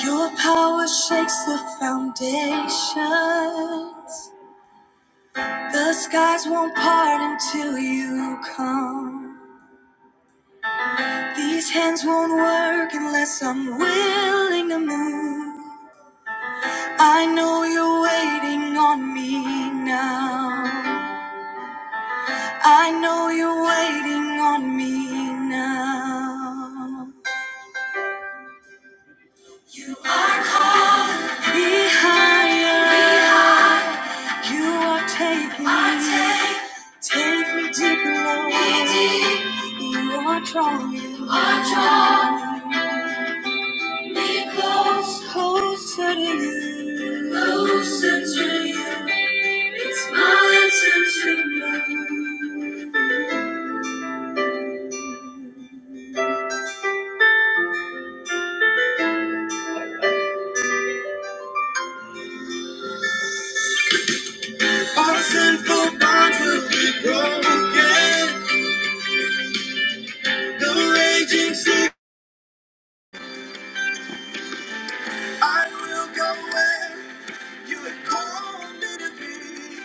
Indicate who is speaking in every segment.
Speaker 1: Your power shakes the foundations. The skies won't part until you come. These hands won't work unless I'm willing to move. I know you're waiting on me now. I know you're waiting on me now. Be higher. You are taking me, take me deeper, Lord. You are drawing me close, closer to you. Closer to you. It's my intention. All sinful bonds will be broken. The raging sea, I will go where you have called me to be.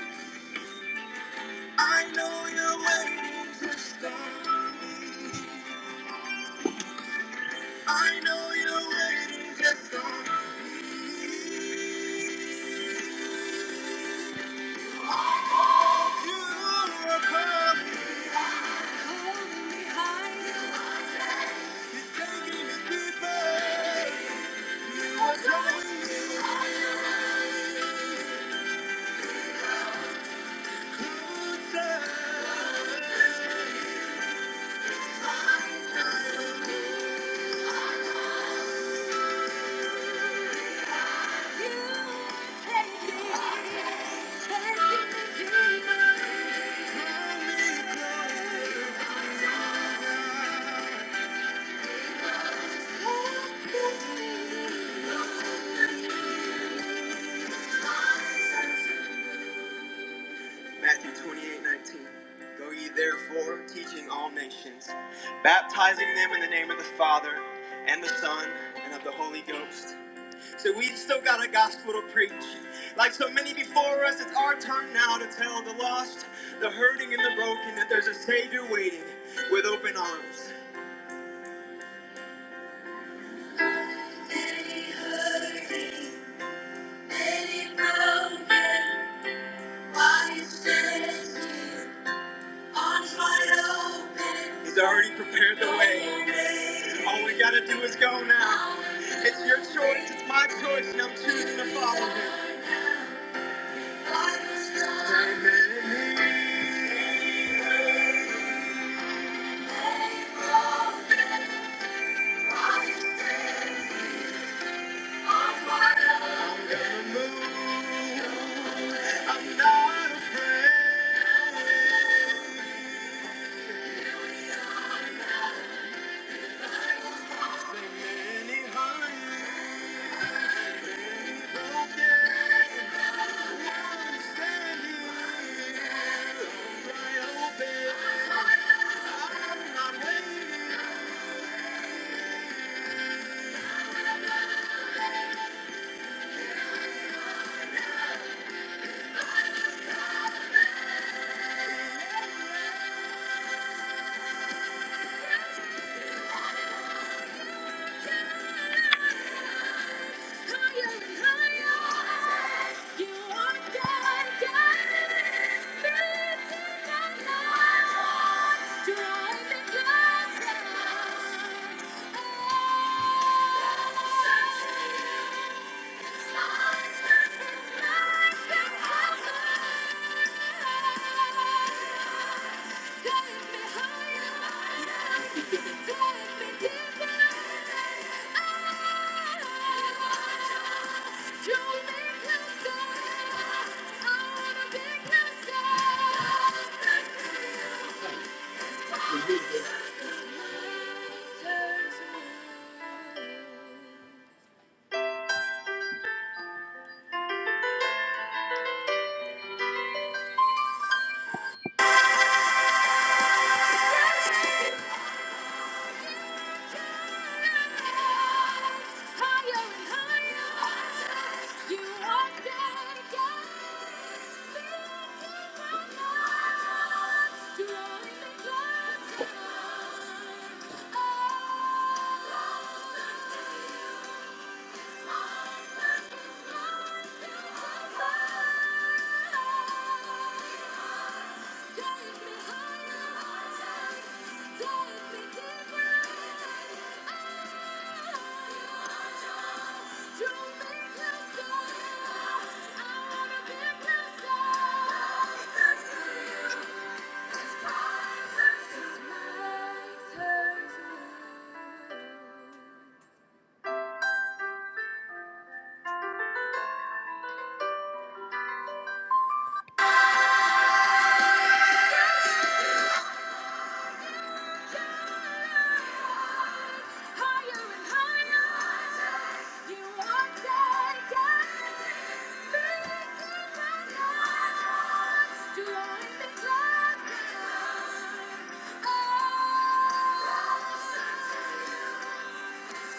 Speaker 1: I know you're waiting to start me. I know you're waiting just for me. You are coming home behind you. Taking me deeper. What's wrong with you, sir? You take me, taking me deeper. Draw me closer. Pull me closer. Matthew 28:19. Go ye therefore, teaching all nations, baptizing them in the name of the Father, and the Son, and of the Holy Ghost. So we've still got a gospel to preach. Like so many before us, it's our turn now to tell the lost, the hurting, and the broken that there's a Savior waiting with open arms. Many hurting, many broken, why is this you? He's already prepared the way. All we gotta do is go now. It's your choice, it's my choice, and I'm choosing to follow him. I'm gonna move. I'm not afraid. Many hearts broken. Now I'm standing right open. I'm not waiting. Take me deeper. Take me deeper. Oh!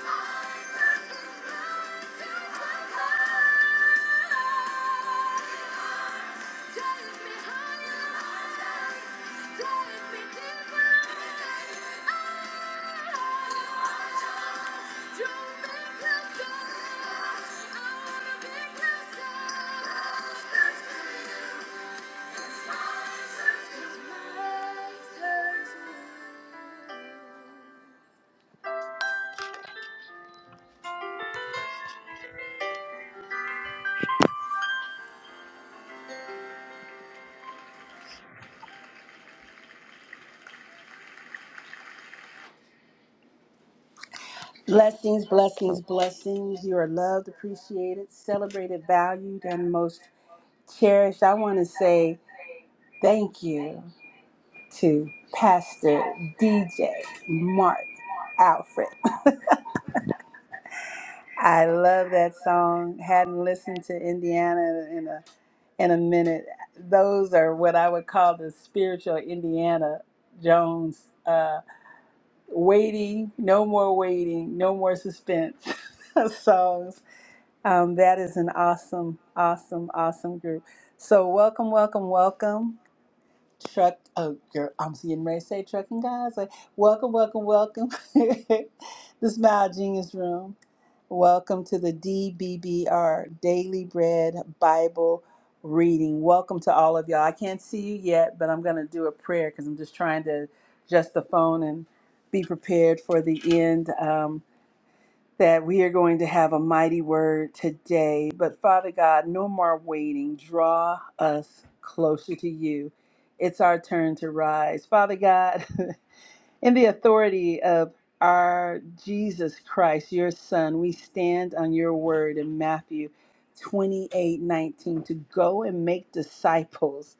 Speaker 1: Thank you. Blessings, blessings, blessings. You are loved, appreciated, celebrated, valued, and most cherished. I want to say thank you to Pastor DJ Mark Alfred. I love that song. Hadn't listened to Indiana in a in a minute. Those are what I would call the spiritual Indiana Jones. Uh, waiting, no more waiting, no more suspense songs. Um, that is an awesome, awesome, awesome group. So welcome, welcome, welcome. Truck, oh girl, I'm getting ready to say trucking guys. Like, welcome, welcome, welcome. the Smile Genius Room. Welcome to the DBBR Daily Bread Bible Reading. Welcome to all of y'all. I can't see you yet, but I'm going to do a prayer because I'm just trying to adjust the phone and be prepared for the end. Um, that we are going to have a mighty word today. But Father God, no more waiting. Draw us closer to you. It's our turn to rise. Father God, In the authority of our Jesus Christ, your Son, we stand on your word in Matthew 28, 19, to go and make disciples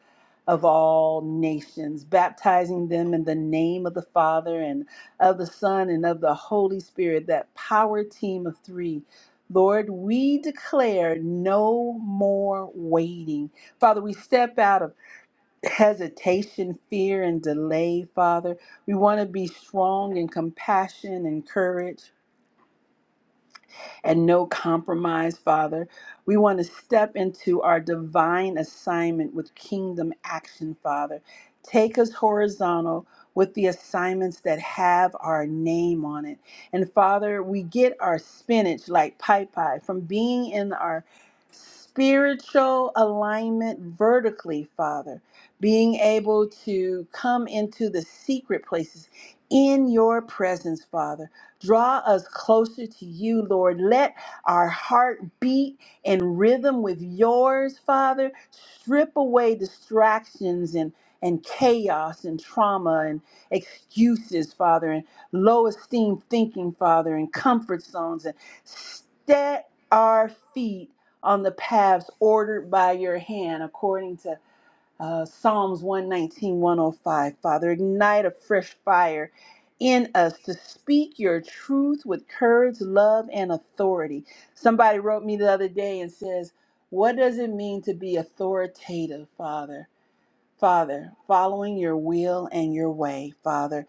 Speaker 1: of all nations, baptizing them in the name of the Father and of the Son and of the Holy Spirit, that power team of three. Lord, we declare no more waiting. Father, we step out of hesitation, fear, and delay, Father. We want to be strong in compassion and courage and no compromise, Father. We want to step into our divine assignment with kingdom action, Father. Take us horizontal with the assignments that have our name on it. And Father, we get our spinach like pie pie from being in our spiritual alignment vertically, Father, being able to come into the secret places in your presence, Father Draw us closer to you, Lord. Let our heart beat in rhythm with yours, Father. Strip away distractions and and chaos and trauma and excuses, Father, and low esteem thinking, Father, and comfort zones, and set our feet on the paths ordered by your hand, according to uh, Psalms one nineteen one o five. Father, ignite a fresh fire in us to speak your truth with courage, love, and authority. Somebody wrote me the other day and says, What does it mean to be authoritative, Father? Father, following your will and your way, Father.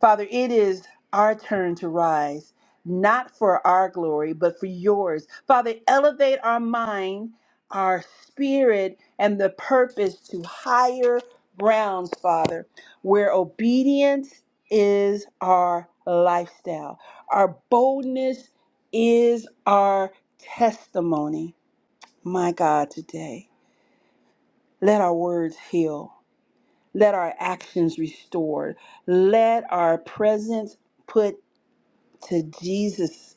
Speaker 1: Father, it is our turn to rise, not for our glory, but for yours. Father, elevate our mind, our spirit, and the purpose to higher grounds, Father, where obedience is our lifestyle, our boldness is our testimony. My God, today, let our words heal. Let our actions restore, Let our presence put to Jesus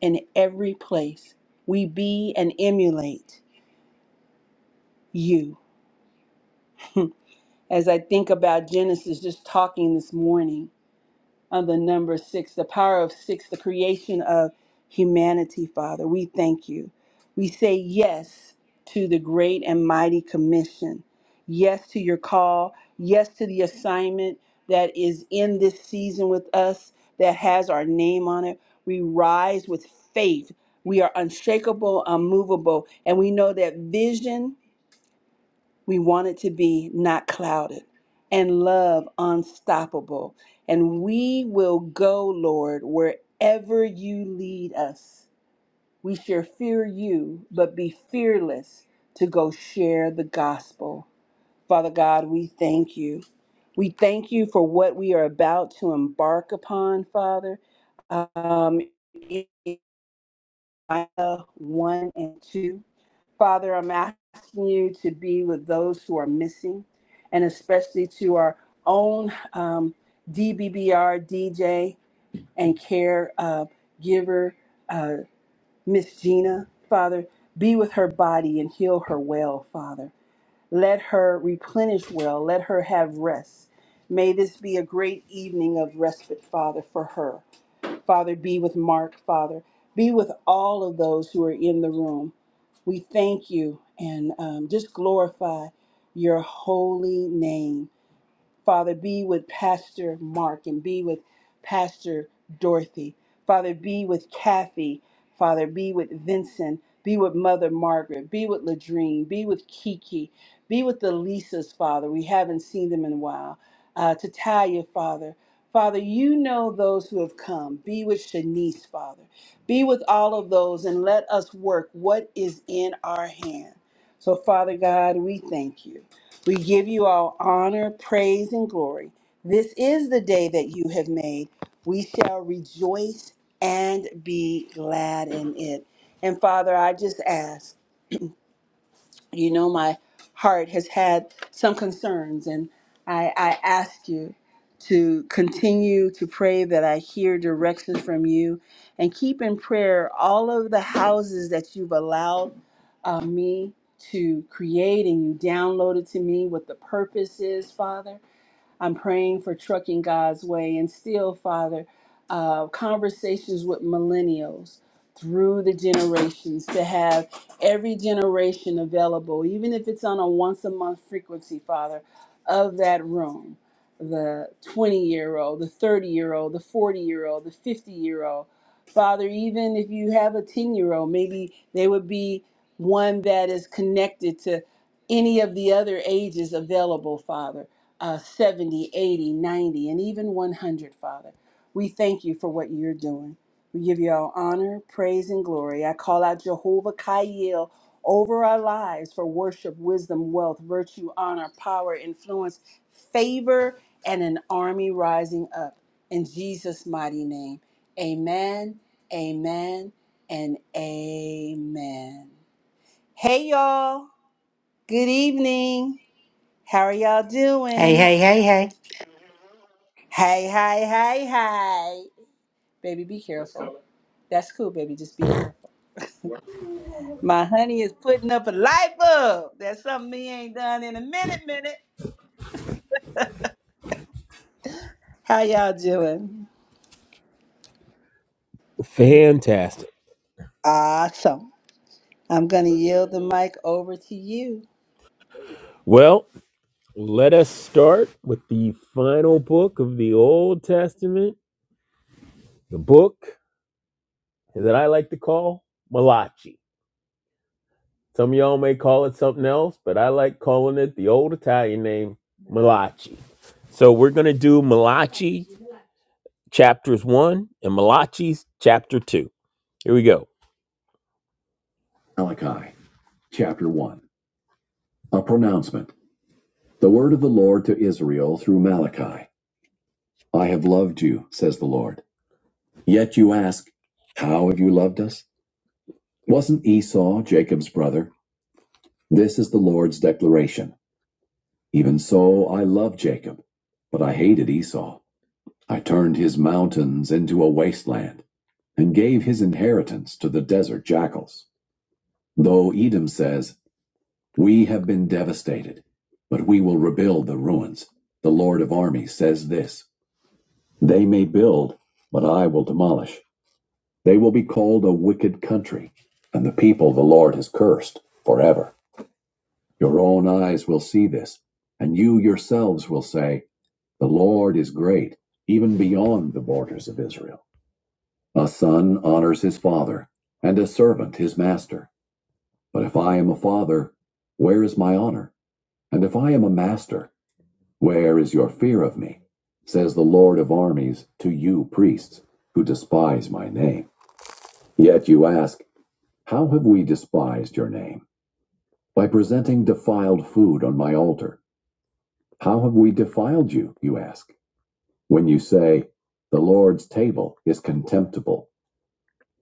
Speaker 1: in every place. We be and emulate you. As I think about Genesis just talking this morning, on the number six, the power of six, the creation of humanity, Father. We thank you. We say yes to the great and mighty commission, yes to your call, yes to the assignment that is in this season with us that has our name on it. We rise with faith. We are unshakable, unmovable, and we know that vision we want it to be not clouded and love unstoppable. And we will go, Lord, wherever you lead us. We shall fear you, but be fearless to go share the gospel. Father God, we thank you. We thank you for what we are about to embark upon, Father. Um, 1 and 2. Father, I'm asking you to be with those who are missing, and especially to our own um, DBBR DJ and care uh, giver, uh, Miss Gina. Father, be with her body and heal her well, Father. Let her replenish well. Let her have rest. May this be a great evening of respite, Father, for her. Father, be with Mark, Father. Be with all of those who are in the room. We thank you and um, just glorify your holy name. Father, be with Pastor Mark and be with Pastor Dorothy. Father, be with Kathy. Father, be with Vincent. Be with Mother Margaret. Be with Ladrine. Be with Kiki. Be with the Lisas, Father. We haven't seen them in a while. Uh, to Talia, Father. Father, you know those who have come. Be with Shanice, Father. Be with all of those and let us work what is in our hand. So, Father God, we thank you. We give you all honor, praise, and glory. This is the day that you have made. We shall rejoice and be glad in it. And Father, I just ask you know my heart has had some concerns and I, I ask you to continue to pray that I hear directions from you and keep in prayer all of the houses that you've allowed uh, me to create and you downloaded to me what the purpose is, Father. I'm praying for trucking God's way and still, Father, uh, conversations with millennials through the generations to have every generation available, even if it's on a once a month frequency, Father, of that room. The 20 year old, the 30 year old, the 40 year old, the 50 year old. Father, even if you have a 10 year old, maybe they would be one that is connected to any of the other ages available, Father uh, 70, 80, 90, and even 100, Father. We thank you for what you're doing. We give you all honor, praise, and glory. I call out Jehovah Kaiel over our lives for worship, wisdom, wealth, virtue, honor, power, influence, favor, and an army rising up. In Jesus' mighty name, amen, amen, and amen. Hey, y'all. Good evening. How are y'all
Speaker 2: Hey,
Speaker 1: doing?
Speaker 2: hey, hey, hey.
Speaker 1: Hey, hey, hey, hey. Baby, be careful. That's cool, baby. Just be careful. My honey is putting up a light bulb. That's something he ain't done in a minute, minute. How y'all doing?
Speaker 3: Fantastic.
Speaker 1: Awesome. I'm going to yield the mic over to you.
Speaker 3: Well, let us start with the final book of the Old Testament, the book that I like to call Malachi. Some of y'all may call it something else, but I like calling it the old Italian name, Malachi. So we're going to do Malachi chapters 1 and Malachi's chapter 2. Here we go. Malachi chapter 1. A pronouncement. The word of the Lord to Israel through Malachi. I have loved you, says the Lord. Yet you ask, How have you loved us? Wasn't Esau Jacob's brother? This is the Lord's declaration. Even so, I loved Jacob, but I hated Esau. I turned his mountains into a wasteland and gave his inheritance to the desert jackals. Though Edom says, We have been devastated, but we will rebuild the ruins. The Lord of armies says this They may build, but I will demolish. They will be called a wicked country, and the people the Lord has cursed forever. Your own eyes will see this, and you yourselves will say, The Lord is great, even beyond the borders of Israel. A son honors his father, and a servant his master. But if I am a father, where is my honor? And if I am a master, where is your fear of me? Says the Lord of armies to you priests who despise my name. Yet you ask, How have we despised your name? By presenting defiled food on my altar. How have we defiled you, you ask? When you say, The Lord's table is contemptible.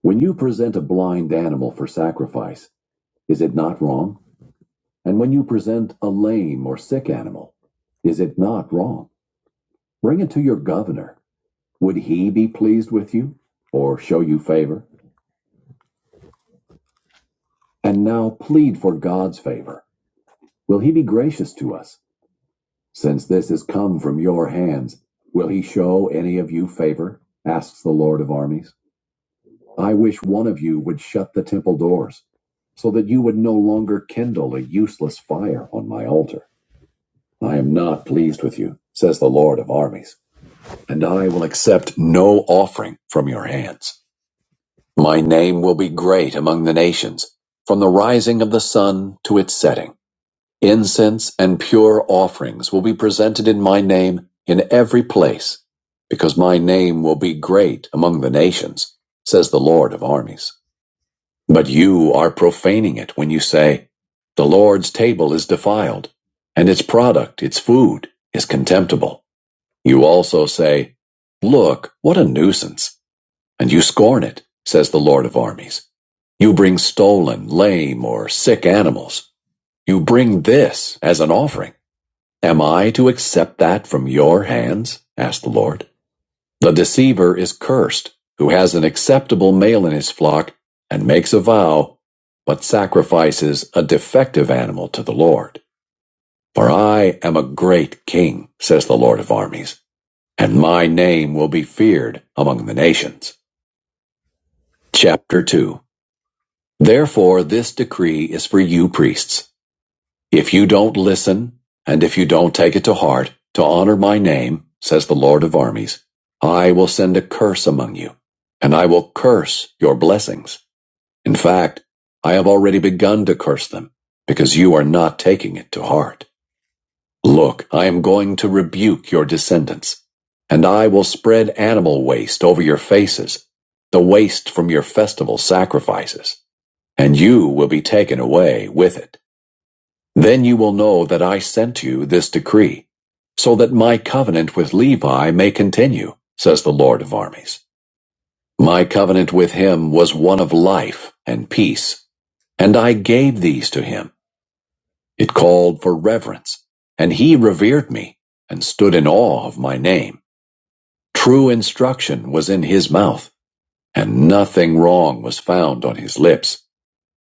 Speaker 3: When you present a blind animal for sacrifice, is it not wrong? And when you present a lame or sick animal, is it not wrong? Bring it to your governor. Would he be pleased with you or show you favor? And now plead for God's favor. Will he be gracious to us? Since this has come from your hands, will he show any of you favor? asks the Lord of armies. I wish one of you would shut the temple doors, so that you would no longer kindle a useless fire on my altar. I am not pleased with you, says the Lord of armies, and I will accept no offering from your hands. My name will be great among the nations, from the rising of the sun to its setting. Incense and pure offerings will be presented in my name in every place, because my name will be great among the nations, says the Lord of armies. But you are profaning it when you say, The Lord's table is defiled, and its product, its food, is contemptible. You also say, Look, what a nuisance, and you scorn it, says the Lord of armies. You bring stolen, lame, or sick animals. You bring this as an offering. Am I to accept that from your hands? asked the Lord. The deceiver is cursed, who has an acceptable male in his flock and makes a vow, but sacrifices a defective animal to the Lord. For I am a great king, says the Lord of armies, and my name will be feared among the nations. Chapter 2 Therefore this decree is for you priests. If you don't listen, and if you don't take it to heart, to honor my name, says the Lord of armies, I will send a curse among you, and I will curse your blessings. In fact, I have already begun to curse them, because you are not taking it to heart. Look, I am going to rebuke your descendants, and I will spread animal waste over your faces, the waste from your festival sacrifices, and you will be taken away with it. Then you will know that I sent you this decree, so that my covenant with Levi may continue, says the Lord of armies. My covenant with him was one of life and peace, and I gave these to him. It called for reverence, and he revered me, and stood in awe of my name. True instruction was in his mouth, and nothing wrong was found on his lips.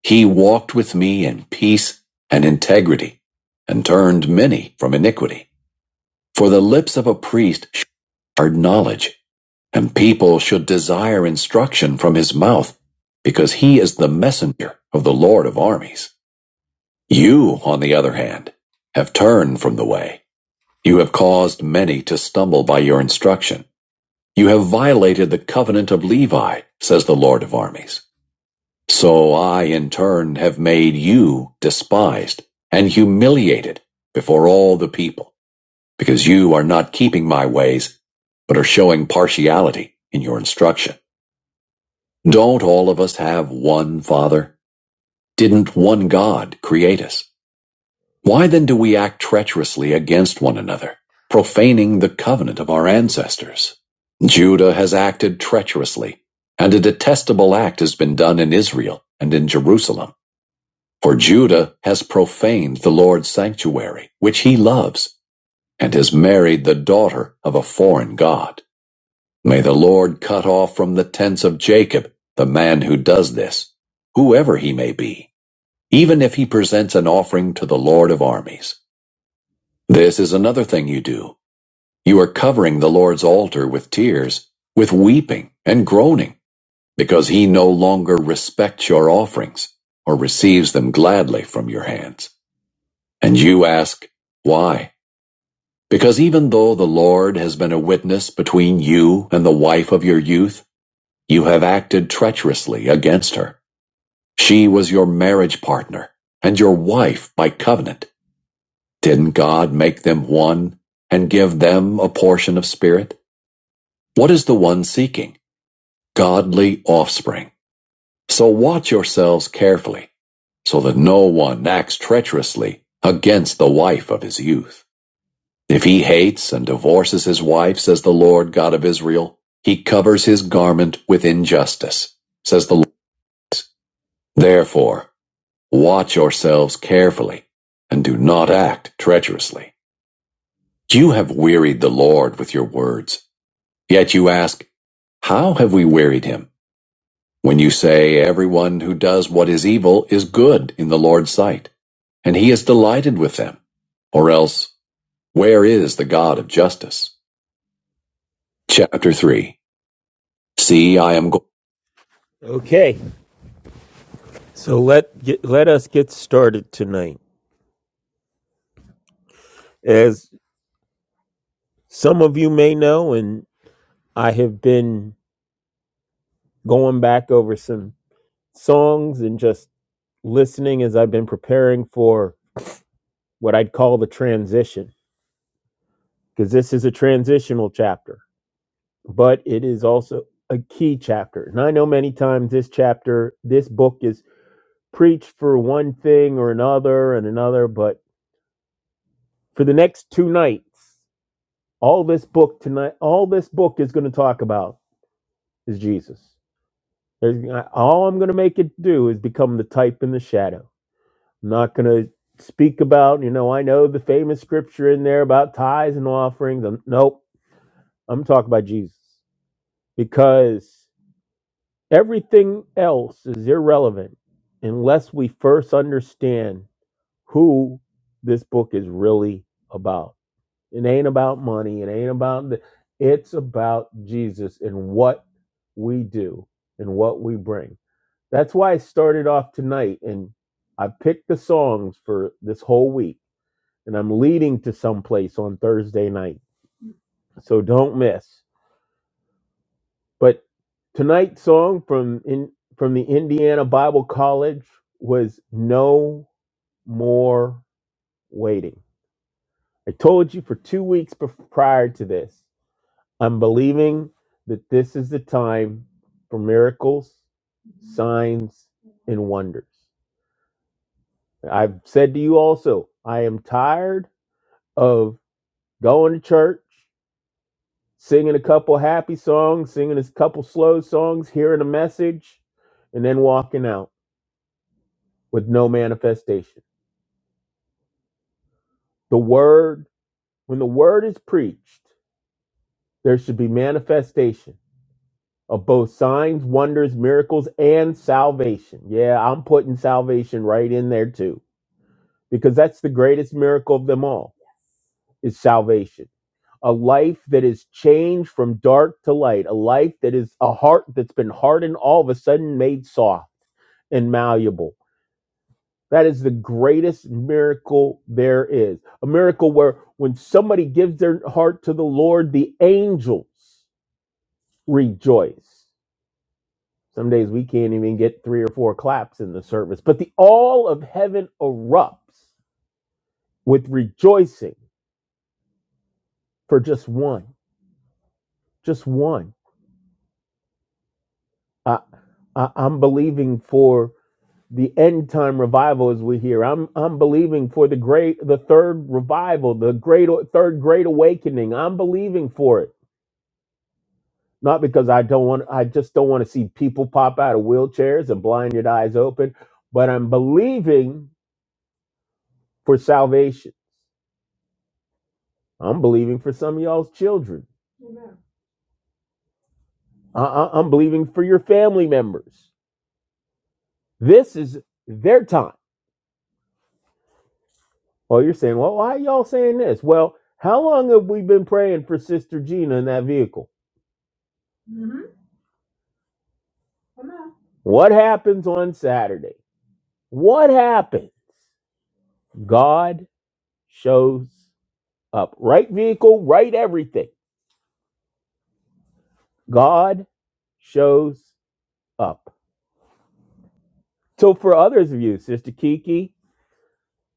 Speaker 3: He walked with me in peace and integrity, and turned many from iniquity. For the lips of a priest shared knowledge, and people should desire instruction from his mouth, because he is the messenger of the Lord of armies. You, on the other hand, have turned from the way. You have caused many to stumble by your instruction. You have violated the covenant of Levi, says the Lord of armies. So I in turn have made you despised and humiliated before all the people, because you are not keeping my ways, but are showing partiality in your instruction. Don't all of us have one Father? Didn't one God create us? Why then do we act treacherously against one another, profaning the covenant of our ancestors? Judah has acted treacherously, and a detestable act has been done in Israel and in Jerusalem. For Judah has profaned the Lord's sanctuary, which he loves, and has married the daughter of a foreign god. May the Lord cut off from the tents of Jacob the man who does this, whoever he may be, even if he presents an offering to the Lord of armies. This is another thing you do. You are covering the Lord's altar with tears, with weeping and groaning, because he no longer respects your offerings or receives them gladly from your hands. And you ask, why? Because even though the Lord has been a witness between you and the wife of your youth, you have acted treacherously against her. She was your marriage partner and your wife by covenant. Didn't God make them one and give them a portion of spirit? What is the one seeking? Godly offspring. So watch yourselves carefully so that no one acts treacherously against the wife of his youth. If he hates and divorces his wife, says the Lord God of Israel, he covers his garment with injustice, says the Lord. Therefore, watch yourselves carefully and do not act treacherously. You have wearied the Lord with your words. Yet you ask, how have we wearied him? When you say everyone who does what is evil is good in the Lord's sight, and he is delighted with them. Or else, where is the God of justice? Chapter 3 See, I am go- Okay, so let get, let us get started tonight. As some of you may know, and I have been going back over some songs and just listening as I've been preparing for what I'd call the transition, because this is a transitional chapter, but it is also a key chapter. And I know many times this chapter, this book is preached for one thing or another and another, but for the next two nights. All this book tonight, all this book is going to talk about is Jesus. There's- all I'm going to make it do is become the type and the shadow. I'm not going to speak about, you know, I know the famous scripture in there about tithes and offerings. Um, Nope, I'm talking about Jesus because everything else is irrelevant unless we first understand who this book is really about. It ain't about money. It ain't about. The, it's about Jesus and what we do and what we bring. That's why I started off tonight, and I picked the songs for this whole week, and I'm leading to someplace on Thursday night. So don't miss. But tonight's song from in from the Indiana Bible College was "No More Waiting." I told you for two weeks bef- prior to this. I'm believing that this is the time for miracles, signs, and wonders. I've said to you also, I am tired of going to church, singing a couple happy songs, singing a couple slow songs, hearing a message, and then walking out with no manifestation. The word, when the word is preached, there should be manifestation of both signs, wonders, miracles, and salvation. Yeah, I'm putting salvation right in there too, because that's the greatest miracle of them all is salvation. A life that is changed from dark to light, a life that is a heart that's been hardened all of a sudden made soft and malleable. That is the greatest miracle there is. A miracle where when somebody gives their heart to the Lord, the angels rejoice. Some days we can't even get three or four claps in the service, but the all of heaven erupts with rejoicing for just one, just one. I, I, I'm believing for the end time revival as we hear. I'm I'm believing for the great, the third revival, the great third great awakening. I'm believing for it, not because I don't want. I just don't want to see people pop out of wheelchairs and blind your eyes open, but I'm believing for salvation. I'm believing for some of y'all's children. I- I- I'm believing for your family members. This is their time. Well, you're saying, well, why are y'all saying this? Well, how long have we been praying for Sister Gina in that vehicle? What happens on Saturday? What happened? God shows up. Right vehicle, right everything. God shows up. So, for others of you, Sister Kiki,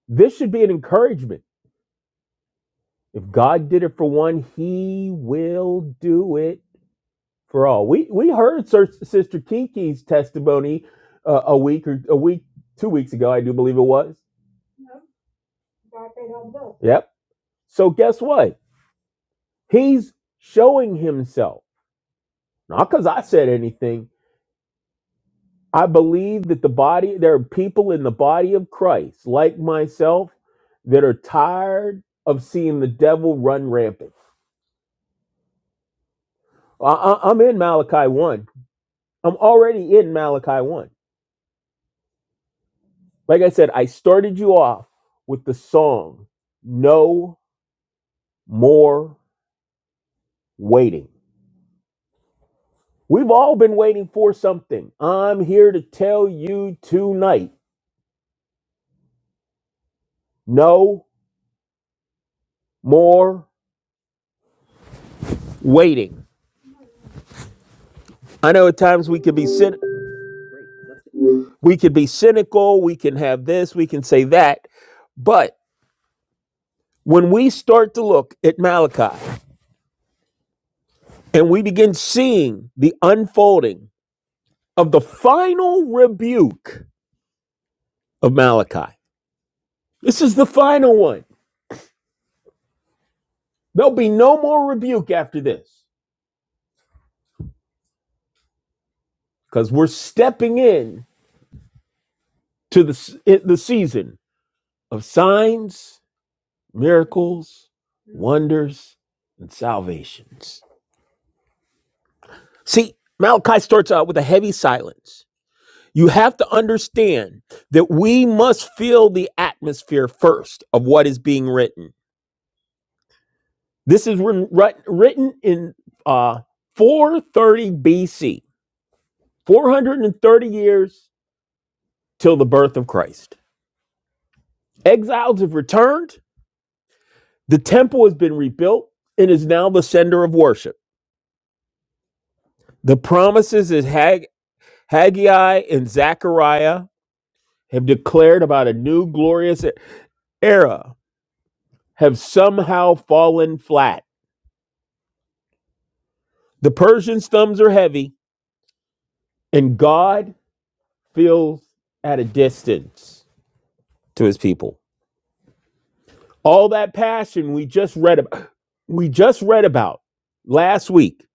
Speaker 3: this should be an encouragement If God did it for one, He will do it for all. We we heard Sir, Sister Kiki's testimony uh, a week or a week, two weeks ago, I do believe it was. Yep. So guess what? He's showing Himself not because I said anything. I believe that the body there are people in the body of Christ like myself that are tired of seeing the devil run rampant. I, I, I'm in Malachi one. I'm already in Malachi 1. Like I said, I started you off with the song No More Waiting. We've all been waiting for something. I'm here to tell you tonight no more waiting. I know at times we could be cyn- we could be cynical, we can have this, we can say that, but when we start to look at Malachi and we begin seeing the unfolding of the final rebuke of Malachi. This is the final one. There'll be no more rebuke after this because we're stepping in to the, the season of signs, miracles, wonders, and salvations. See, Malachi starts out with a heavy silence. You have to understand that we must feel the atmosphere first of what is being written. This is written written in uh, 430 BC, 430 years till the birth of Christ. Exiles have returned. The temple has been rebuilt and is now the center of worship. The promises that Hag- Haggai and Zechariah have declared about a new glorious era have somehow fallen flat. The Persians' thumbs are heavy, and God feels at a distance to his people. All that passion we just read about, we just read about last week,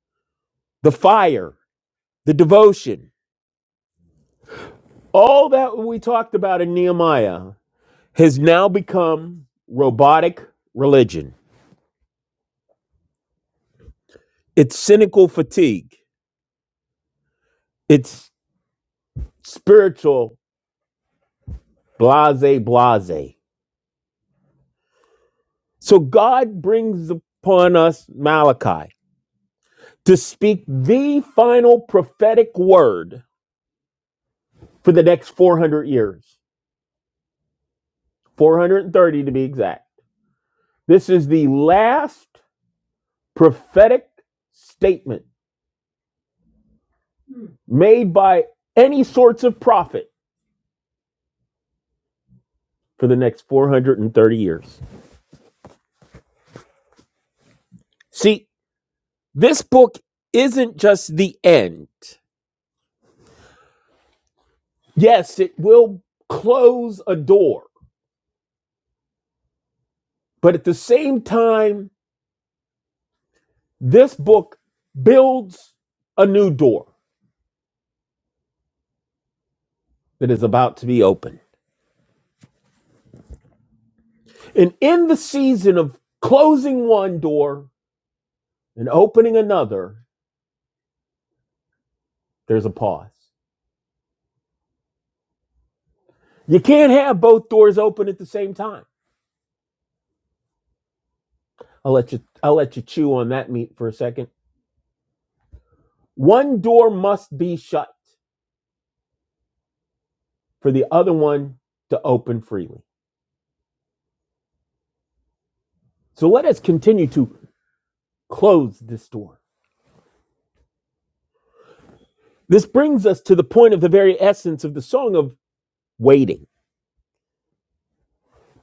Speaker 3: the fire, the devotion, All that we talked about in Nehemiah has now become robotic religion. It's cynical fatigue. It's spiritual blase blase. So God brings upon us Malachi to speak the final prophetic word for the next 400 years, 430 to be exact. This is the last prophetic statement made by any sorts of prophet for the next 430 years. See, this book isn't just the end. Yes, it will close a door, but at the same time, this book builds a new door that is about to be opened. And in the season of closing one door and opening another, there's a pause. You can't have both doors open at the same time. I'll let you I'll let you chew on that meat for a second. One door must be shut for the other one to open freely. So let us continue to close this door. This brings us to the point of the very essence of the song of waiting.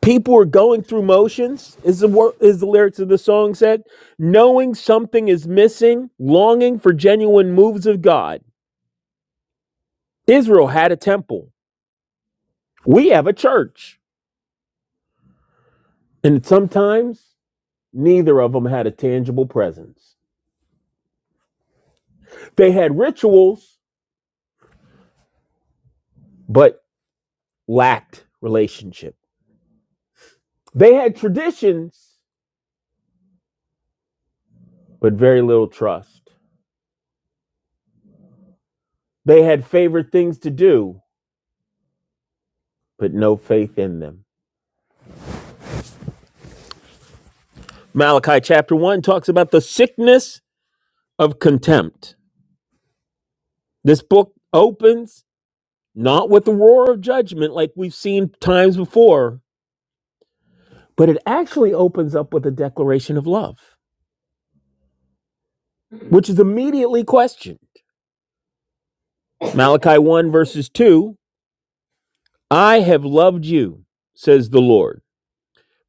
Speaker 3: People are going through motions, is the wor- is the lyrics of the song said, knowing something is missing, longing for genuine moves of God. Israel had a temple. We have a church. And sometimes neither of them had a tangible presence. They had rituals, but lacked relationship. They had traditions, but very little trust. They had favorite things to do, but no faith in them. Malachi chapter 1 talks about the sickness of contempt. This book opens not with the roar of judgment like we've seen times before, but it actually opens up with a declaration of love, which is immediately questioned. Malachi 1 verses 2 I have loved you, says the Lord.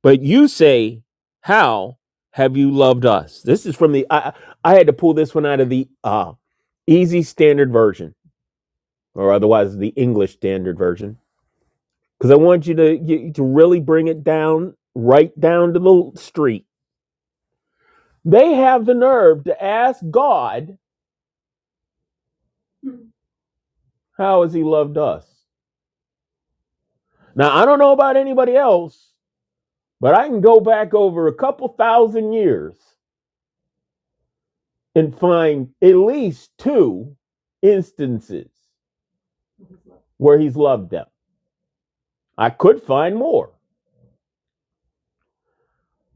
Speaker 3: But you say, How have you loved us? This is from the, I, I had to pull this one out of the uh, easy standard version, or otherwise the English standard version, because I want you to, you, to really bring it down, right down to the street. They have the nerve to ask God, How has He loved us? Now, I don't know about anybody else, but I can go back over a couple thousand years and find at least two instances where he's loved them. I could find more,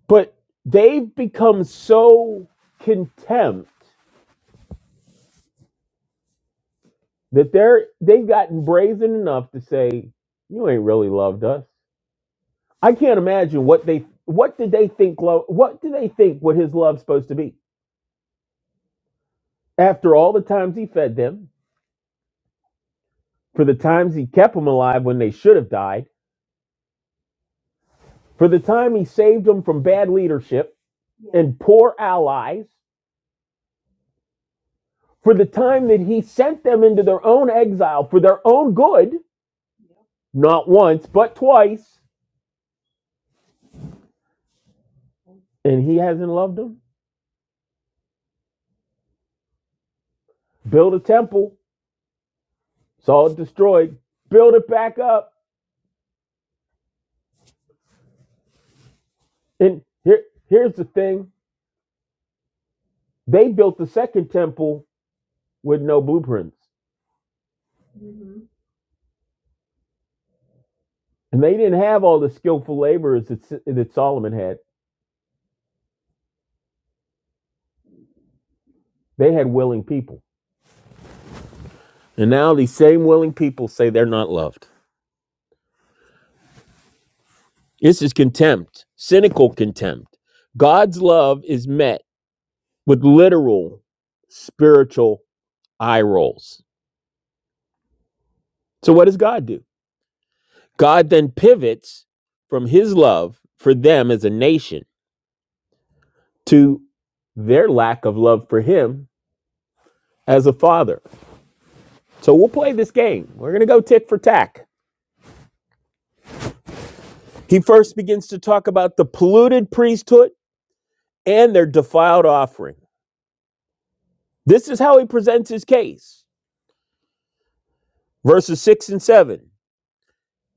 Speaker 3: but they've become so contempt that they're they've gotten brazen enough to say, "You ain't really loved us." I can't imagine what they what did they think love what do they think what his love's supposed to be? After all the times he fed them, for the times he kept them alive when they should have died, for the time he saved them from bad leadership and poor allies, for the time that he sent them into their own exile for their own good, not once, but twice, and he hasn't loved them. Build a temple, saw it destroyed, build it back up. And here, here's the thing they built the second temple with no blueprints, and they didn't have all the skillful laborers that, that Solomon had. They had willing people. And now these same willing people say they're not loved. This is contempt, cynical contempt. God's love is met with literal spiritual eye rolls. So, what does God do? God then pivots from his love for them as a nation to their lack of love for him as a father. So, we'll play this game. We're going to go tick for tack. He first begins to talk about the polluted priesthood and their defiled offering. This is how he presents his case. Verses 6 and 7.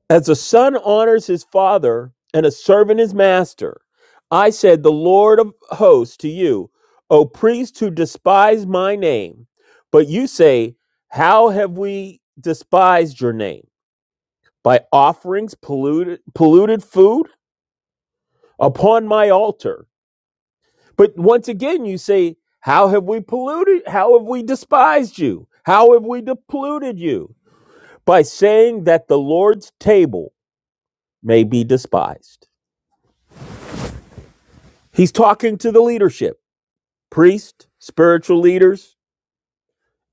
Speaker 3: As a son honors his father and a servant his master, I said, The Lord of hosts to you, O priests who despise my name. But you say, How have we despised your name? By offerings polluted, polluted food upon my altar. But once again, you say, How have we polluted? How have we despised you? How have we polluted you? By saying that the Lord's table may be despised. He's talking to the leadership, priests, spiritual leaders,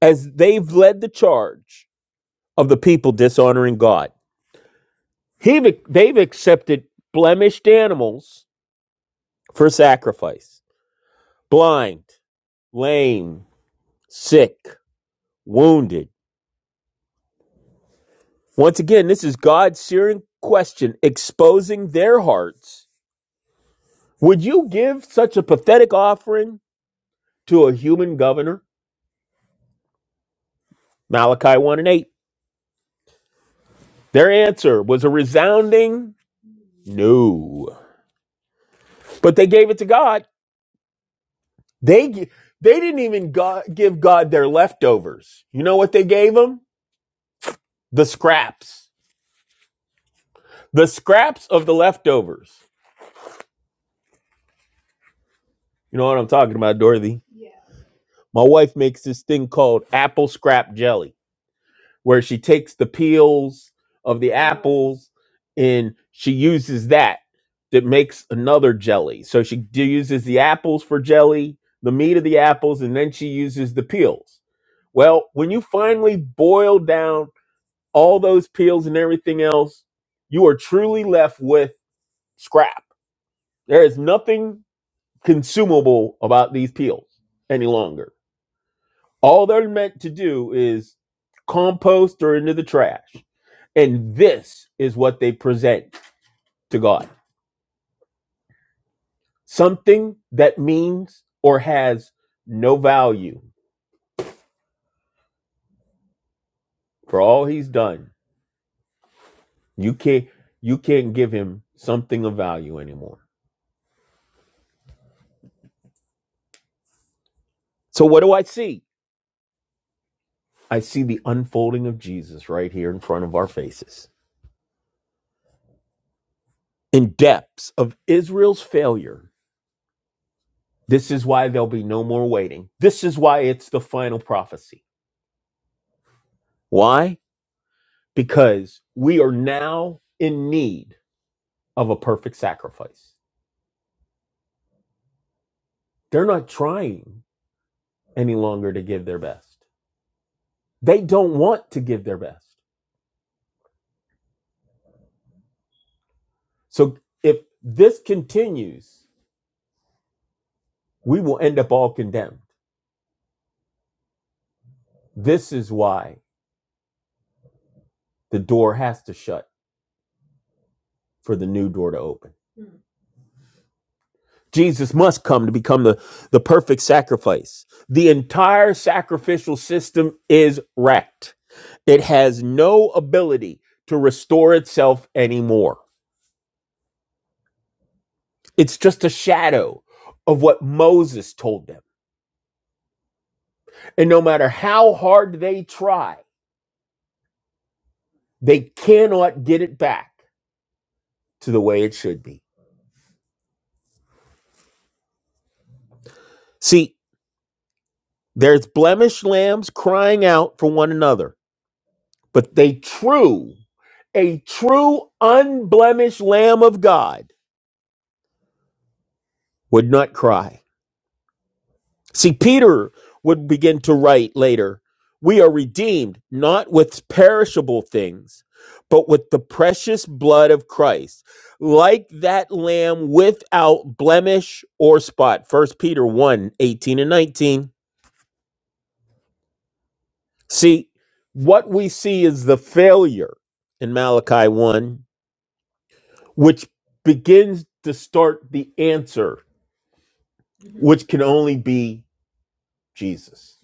Speaker 3: as they've led the charge of the people dishonoring God. He, they've accepted blemished animals for sacrifice, blind, lame, sick, wounded. Once again, this is God's searing question exposing their hearts. Would you give such a pathetic offering to a human governor? Malachi 1 and 8. Their answer was a resounding No. But they gave it to God. They gi- they didn't even God, give God their leftovers. You know what they gave him? The scraps. The scraps of the leftovers. You know what I'm talking about, Dorothy? My wife makes this thing called apple scrap jelly, where she takes the peels of the apples, and she uses that that makes another jelly. So she d- uses the apples for jelly, the meat of the apples, and then she uses the peels. Well, when you finally boil down all those peels and everything else, you are truly left with scrap. There is nothing consumable about these peels any longer. All they're meant to do is compost or into the trash. And this is what they present to God. Something that means or has no value for all he's done. You can't you can't give him something of value anymore. So what do I see? I see the unfolding of Jesus right here in front of our faces. In depths of Israel's failure, this is why there'll be no more waiting. This is why it's the final prophecy. Why? Because we are now in need of a perfect sacrifice. They're not trying any longer to give their best. They don't want to give their best. So if this continues, we will end up all condemned. This is why the door has to shut for the new door to open. Jesus must come to become the, the perfect sacrifice. The entire sacrificial system is wrecked. It has no ability to restore itself anymore. It's just a shadow of what Moses told them. And no matter how hard they try, They cannot get it back to the way it should be. See, there's blemished lambs crying out for one another, but they true, a true unblemished lamb of God would not cry. See, Peter would begin to write later, we are redeemed not with perishable things, but with the precious blood of Christ, like that lamb without blemish or spot. First Peter one 18 and 19. See, what we see is the failure in Malachi 1, which begins to start the answer, which can only be Jesus.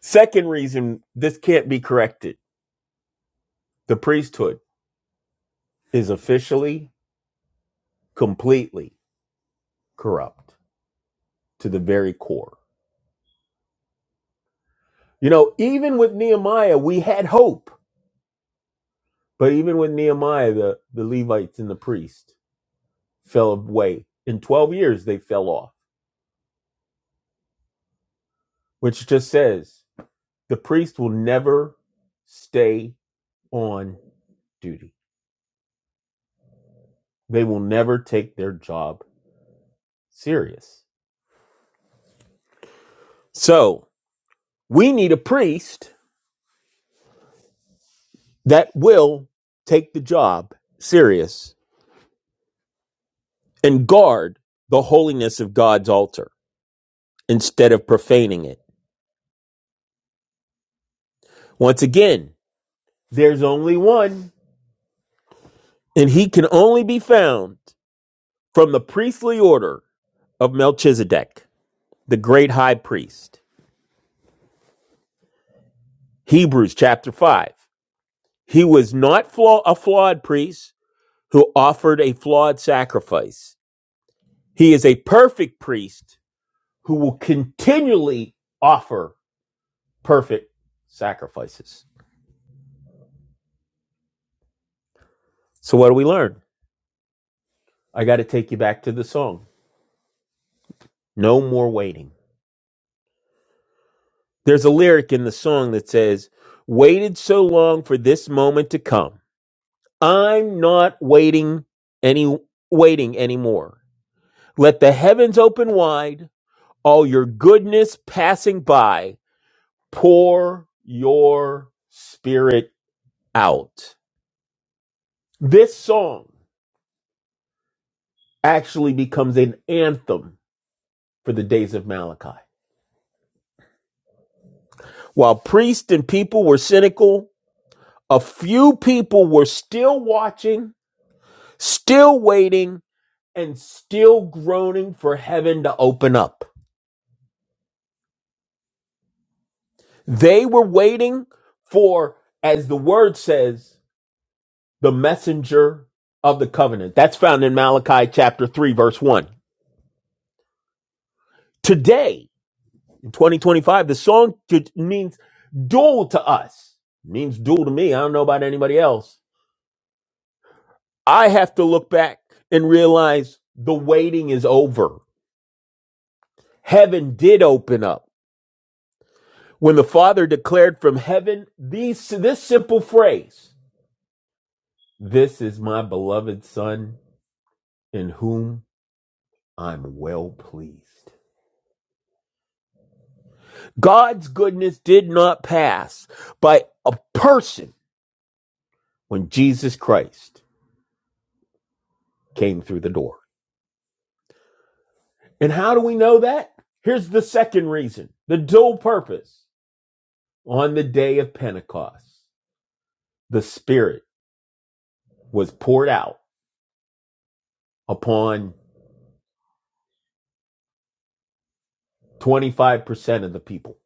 Speaker 3: Second reason this can't be corrected the priesthood is officially, completely corrupt to the very core. You know, even with Nehemiah, we had hope, but even with Nehemiah, the, the Levites and the priests fell away. In 12 years, they fell off, which just says The priest will never stay on duty. They will never take their job serious. So we need a priest that will take the job serious and guard the holiness of God's altar instead of profaning it. Once again, there's only one, and he can only be found from the priestly order of Melchizedek, the great high priest. Hebrews chapter 5. He was not flaw- a flawed priest who offered a flawed sacrifice. He is a perfect priest who will continually offer perfect sacrifices. So, what do we learn? I got to take you back to the song No More Waiting. There's a lyric in the song that says, Waited so long for this moment to come. I'm not waiting any waiting anymore. Let the heavens open wide, all your goodness passing by Pour your spirit out. This song actually becomes an anthem for the days of Malachi. While priests and people were cynical, a few people were still watching, still waiting, and still groaning for heaven to open up. They were waiting for, as the word says, the messenger of the covenant. That's found in Malachi chapter 3, verse 1. Today, 2025. The song ju- means dual to us, means dual to me. I don't know about anybody else. I have to look back and realize the waiting is over. Heaven did open up when the Father declared from heaven these, this simple phrase This is my beloved Son in whom I'm well pleased. God's goodness did not pass by a person when Jesus Christ came through the door. And how do we know that? Here's the second reason the dual purpose. On the day of Pentecost, the Spirit was poured out upon 25% of the people,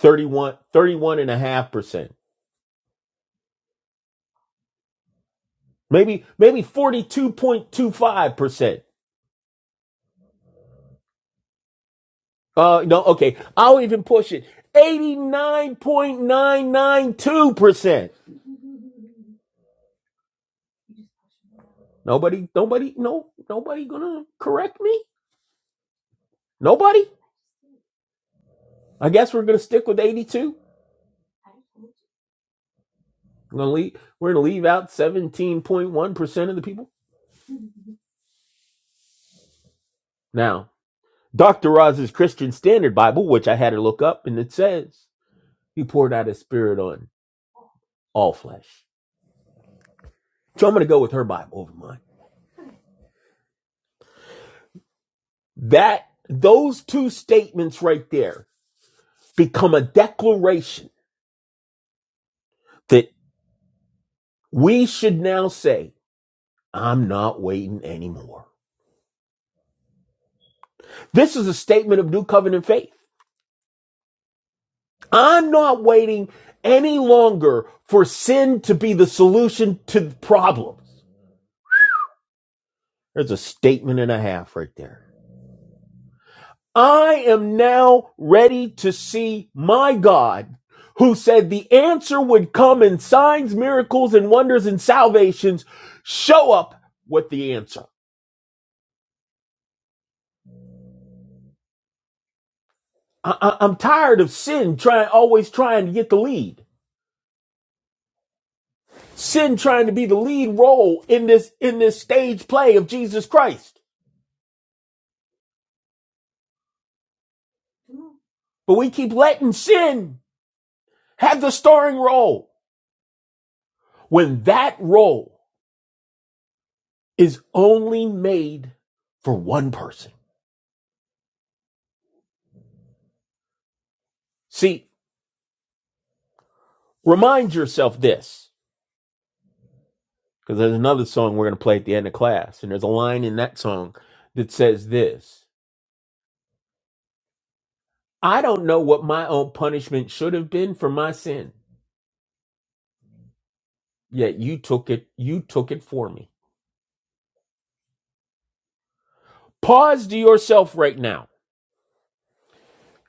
Speaker 3: thirty-one, thirty-one and a half percent maybe, maybe 42.25%. Uh, no, okay. I'll even push it. 89.992%. Nobody, nobody, no, nobody gonna correct me? Nobody? I guess we're gonna stick with 82. We're gonna leave, we're gonna leave out 17.1% of the people. Now, Dr. Roz's Christian Standard Bible, which I had to look up, and it says he poured out his spirit on all flesh. So I'm gonna go with her Bible over mine. That those two statements right there become a declaration that we should now say, I'm not waiting anymore. This is a statement of new covenant faith. I'm not waiting any longer for sin to be the solution to the problems. There's a statement and a half right there. I am now ready to see my God who said the answer would come in signs, miracles, and wonders and salvations. Show up with the answer. I- I- I'm tired of sin trying, always trying to get the lead. Sin trying to be the lead role in this, in this stage play of Jesus Christ. But we keep letting sin have the starring role when that role is only made for one person. See, remind yourself this, because there's another song we're going to play at the end of class, and there's a line in that song that says this I don't know what my own punishment should have been for my sin, yet you took it, you took it for me. Pause to yourself right now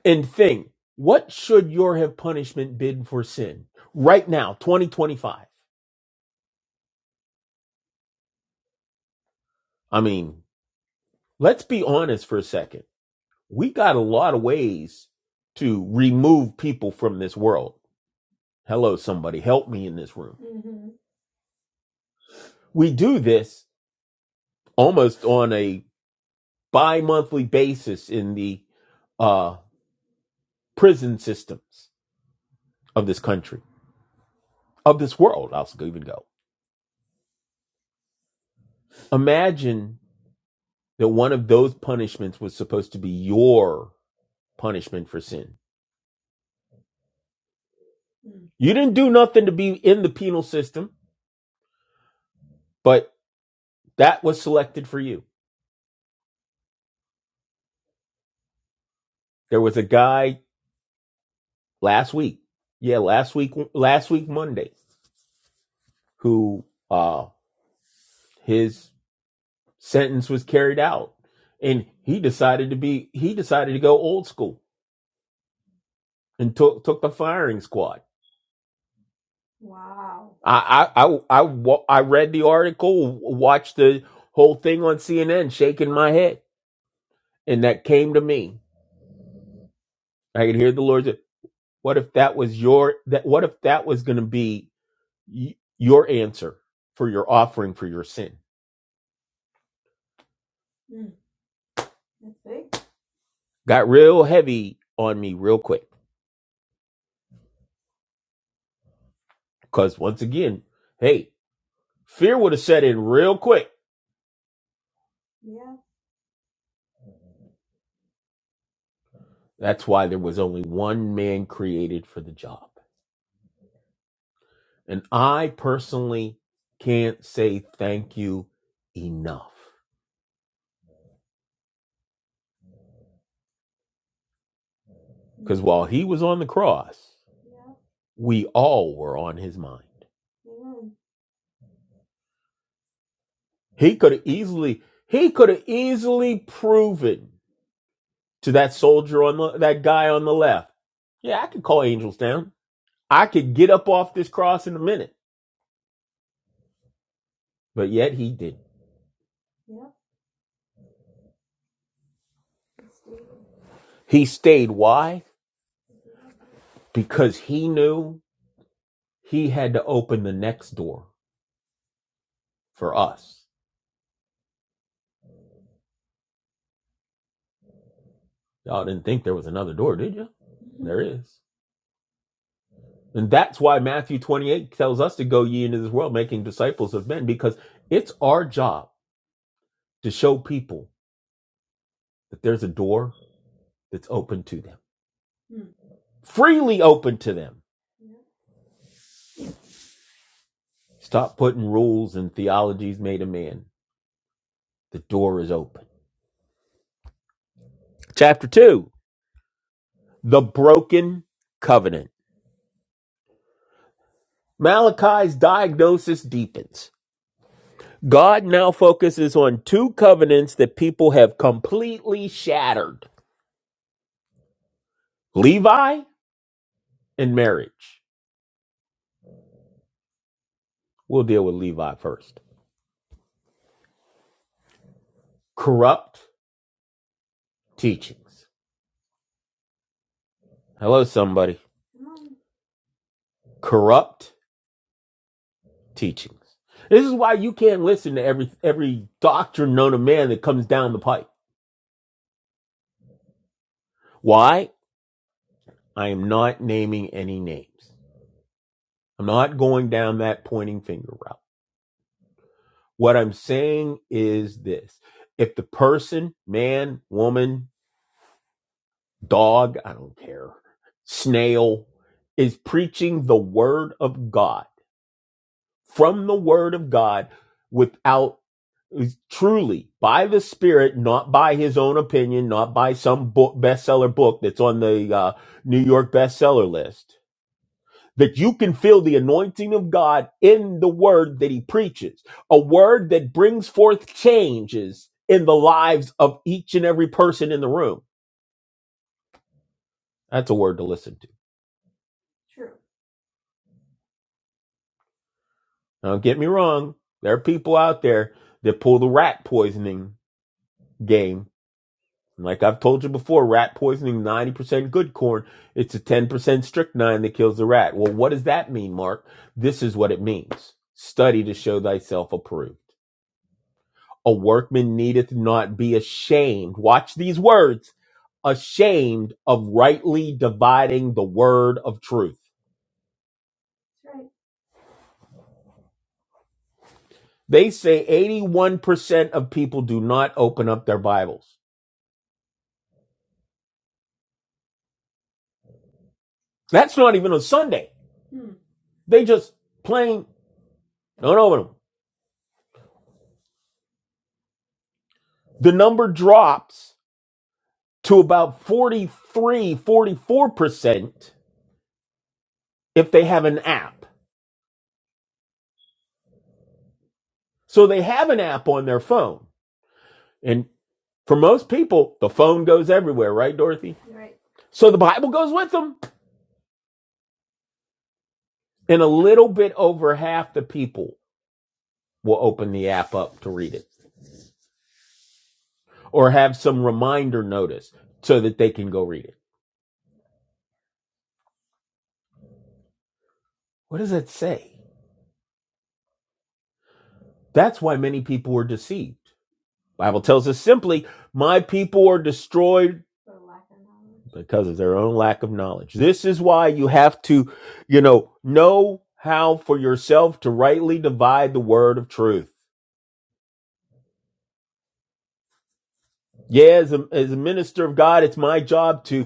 Speaker 3: and think, what should your have punishment been for sin right now, 2025? I mean, let's be honest for a second. We got a lot of ways to remove people from this world. Hello, somebody, help me in this room. We do this almost on a bi monthly basis in the uh, prison systems of this country, of this world. I'll even go. Imagine that one of those punishments was supposed to be your punishment for sin. You didn't do nothing to be in the penal system, but that was selected for you. There was a guy last week. Yeah, last week, last week Monday, who uh his sentence was carried out, and he decided to be he decided to go old school and took took the firing squad. I I I I, I read the article, watched the whole thing on CNN, shaking my head, and that came to me. I could hear the Lord say, "What if that was your that? What if that was going to be y- your answer for your offering for your sin?" Got real heavy on me real quick. Because once again, hey, fear would have set in real quick. That's why there was only one man created for the job. And I personally can't say thank you enough. While he was on the cross, we all were on his mind. He could have easily, he could have easily proven to that soldier on the, that guy on the left. Yeah, I could call angels down. I could get up off this cross in a minute. but yet he didn't. He stayed. Why? Because he knew he had to open the next door for us. Y'all didn't think there was another door, did you? Yes. And that's why Matthew 28 tells us to go ye into this world, making disciples of men, because it's our job to show people that there's a door that's open to them, freely open to them. Stop putting rules and theologies made of man. The door is open. Chapter 2 The Broken Covenant. Malachi's diagnosis deepens. God now focuses on two covenants that people have completely shattered Levi and marriage. We'll deal with Levi first. Corrupt teachings. Hello, somebody. Corrupt teachings. This is why you can't listen to every, every doctrine known to man that comes down the pipe. Why? I am not naming any names. I'm not going down that pointing finger route. What I'm saying is this if the person, man, woman, dog, I don't care, snail, is preaching the word of God from the word of God without is truly by the spirit not by his own opinion not by some book bestseller book that's on the uh, new york bestseller list that you can feel the anointing of God in the word that he preaches, a word that brings forth changes in the lives of each and every person in the room. That's a word to listen to. Now, don't get me wrong. There are people out there that pull the rat poisoning game. Like I've told you before, rat poisoning 90% good corn. It's a 10% strychnine that kills the rat. Well, what does that mean, Mark? This is what it means. Study to show thyself approved. A workman needeth not be ashamed. Watch these words ashamed of rightly dividing the word of truth. They say 81% of people do not open up their Bibles. That's not even on Sunday. They just plain don't open them. The number drops to about forty-three, forty-four percent if they have an app. So they have an app on their phone. And for most people, the phone goes everywhere, right, Dorothy? So the Bible goes with them, and a little bit over half the people will open the app up to read it or have some reminder notice so that they can go read it. What does that say? That's why many people are deceived. Bible tells us simply, my people are destroyed because of their own lack of knowledge. This is why you have to, you know, know how for yourself to rightly divide the word of truth. Yeah, as a, as a minister of God, it's my job to.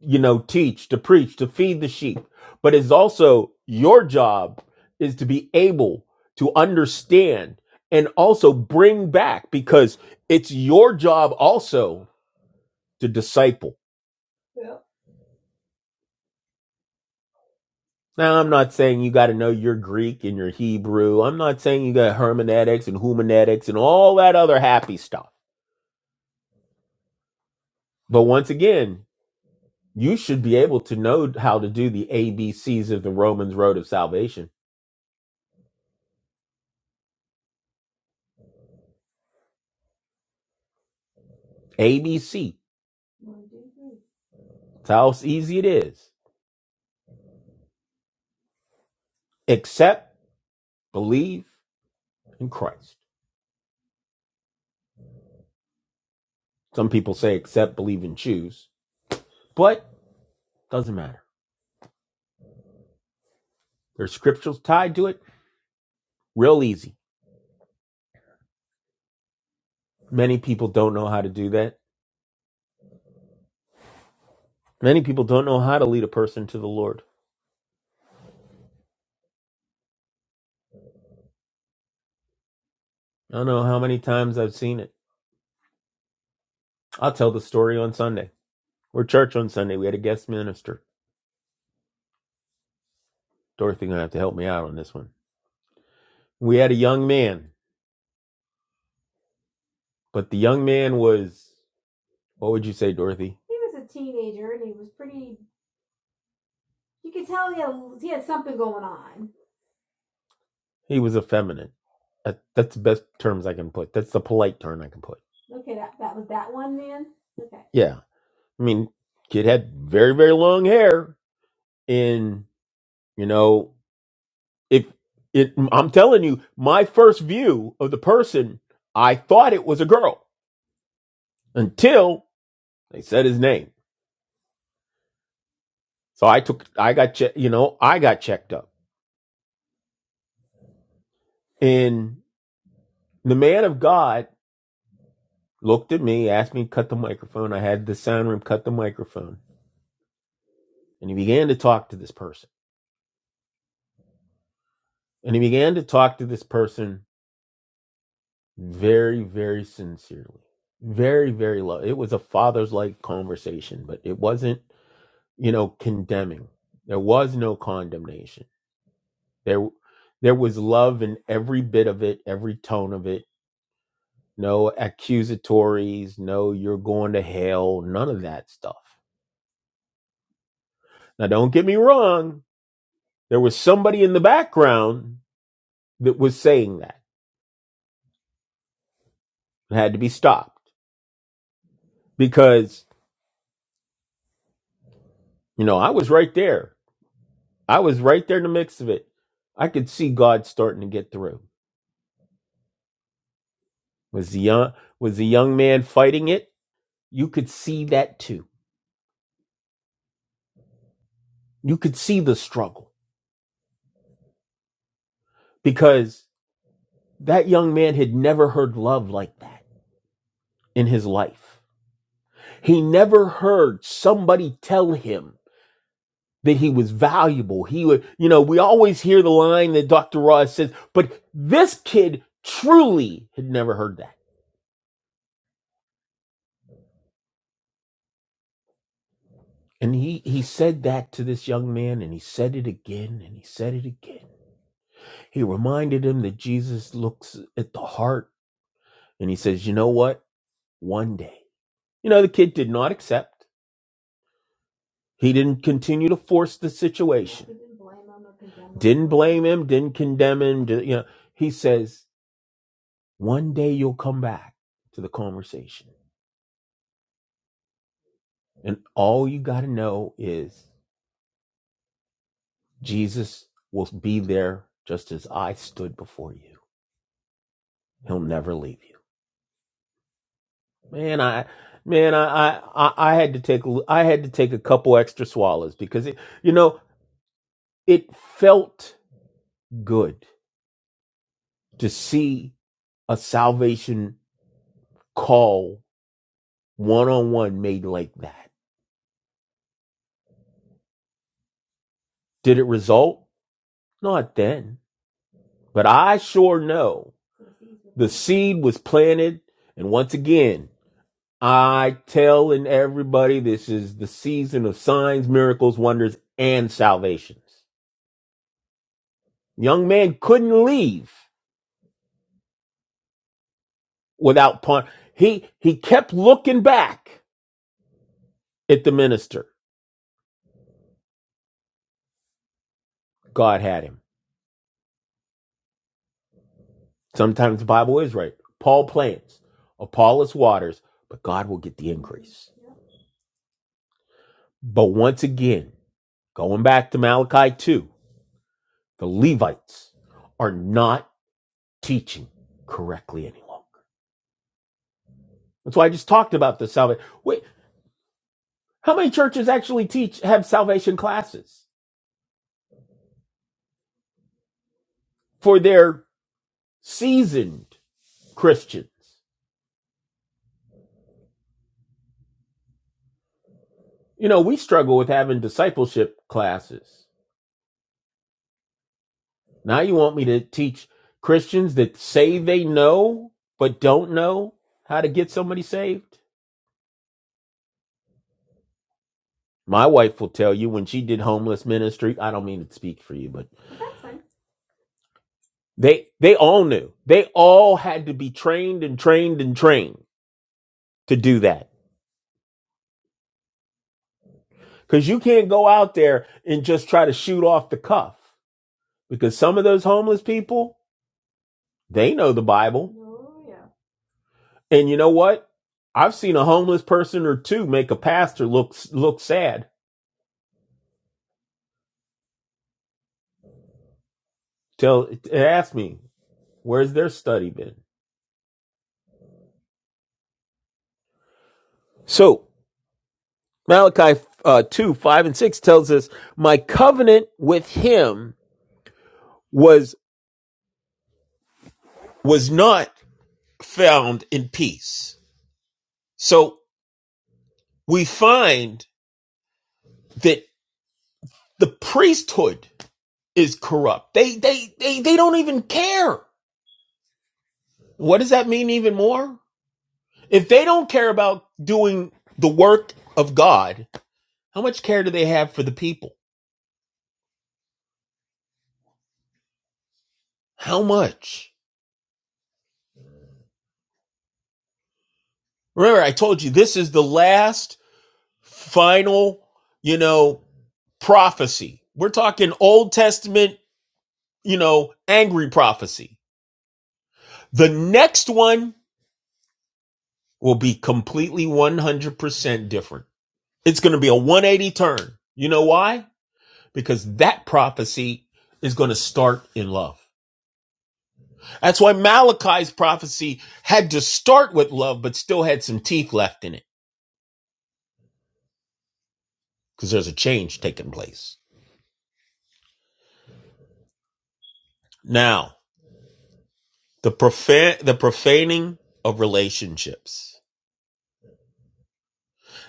Speaker 3: you know, teach, to preach, to feed the sheep. But it's also your job is to be able to understand and also bring back because it's your job also to disciple. Now, I'm not saying you got to know your Greek and your Hebrew. I'm not saying you got hermeneutics and humanetics and all that other happy stuff. But once again, you should be able to know how to do the ABCs of the Romans Road of Salvation. ABC. That's how easy it is. Accept, believe in Christ. Some people say accept, believe, and choose, but doesn't matter. There's scriptures tied to it, real easy. Many people don't know how to do that. Many people don't know how to lead a person to the Lord. I don't know how many times I've seen it. I'll tell the story on Sunday. We're church on Sunday. We had a guest minister. Dorothy gonna have to help me out on this one. We had a young man, but the young man was what would you say, Dorothy? He was effeminate. That, that's the best terms I can put. That's the polite term I can put Yeah. I mean, kid had very, very long hair. And, you know, if it, I'm telling you, my first view of the person, I thought it was a girl until they said his name. So I took, I got, che- you know, I got checked up. And the man of God looked at me, asked me to cut the microphone. I had the sound room cut the microphone. And he began to talk to this person. And he began to talk to this person very, very sincerely, very, very love. It was a father's like conversation, but it wasn't, you know, condemning. There was no condemnation. There, there was love in every bit of it, every tone of it. No accusatories, no you're going to hell, none of that stuff. Now, don't get me wrong. There was somebody in the background that was saying that. It had to be stopped because, you know, I was right there I was right there in the mix of it. I could see God starting to get through. Was the young was the young man fighting it? You could see that too. You could see the struggle because that young man had never heard love like that in his life. He never heard somebody tell him that he was valuable. He would, you know, we always hear the line that Dr. Ross says, but this kid truly had never heard that And he, he said that to this young man, and he said it again, and he said it again. He reminded him that Jesus looks at the heart, and he says, You know what? One day. You know, the kid did not accept. He didn't continue to force the situation, blame him, didn't condemn him. di- You know, he says, One day you'll come back to the conversation. And all you got to know is Jesus will be there just as I stood before you. He'll never leave you. Man, I man, I I I had to take I had to take a couple extra swallows because it, you know it felt good to see a salvation call one on one made like that. Did it result? Not then, but I sure know the seed was planted, and once again. I telling everybody this is the season of signs, miracles, wonders, and salvations. Young man couldn't leave without pun. He he kept looking back at the minister. God had him. Sometimes the Bible is right. Paul plants, Apollos waters, but God will get the end. But once again, going back to Malachi 2, the Levites are not teaching correctly any longer. That's why I just talked about the salvation. Wait, how many churches actually teach have salvation classes for their seasoned Christians? You know, we struggle with having discipleship classes. Now you want me to teach Christians that say they know but don't know how to get somebody saved? My wife will tell you when she did homeless ministry, I don't mean to speak for you, but they they all knew. They all had to be trained and trained and trained to do that. Cuz you can't go out there and just try to shoot off the cuff because some of those homeless people, they know the Bible And you know what? I've seen a homeless person or two make a pastor look look sad. Tell ask me where's their study been. So Malachi uh, two five and six tells us, "My covenant with him was was not found in peace." So we find that the priesthood is corrupt. They they they they don't even care. What does that mean even more? If they don't care about doing the work of God, how much care do they have for the people? How much? Remember, I told you this is the last final, you know, prophecy. We're talking Old Testament, you know, angry prophecy. The next one will be completely 100% different. It's going to be a 180 turn. You know why? Because that prophecy is going to start in love. That's why Malachi's prophecy had to start with love, but still had some teeth left in it because there's a change taking place. Now, the profan- the profaning of relationships.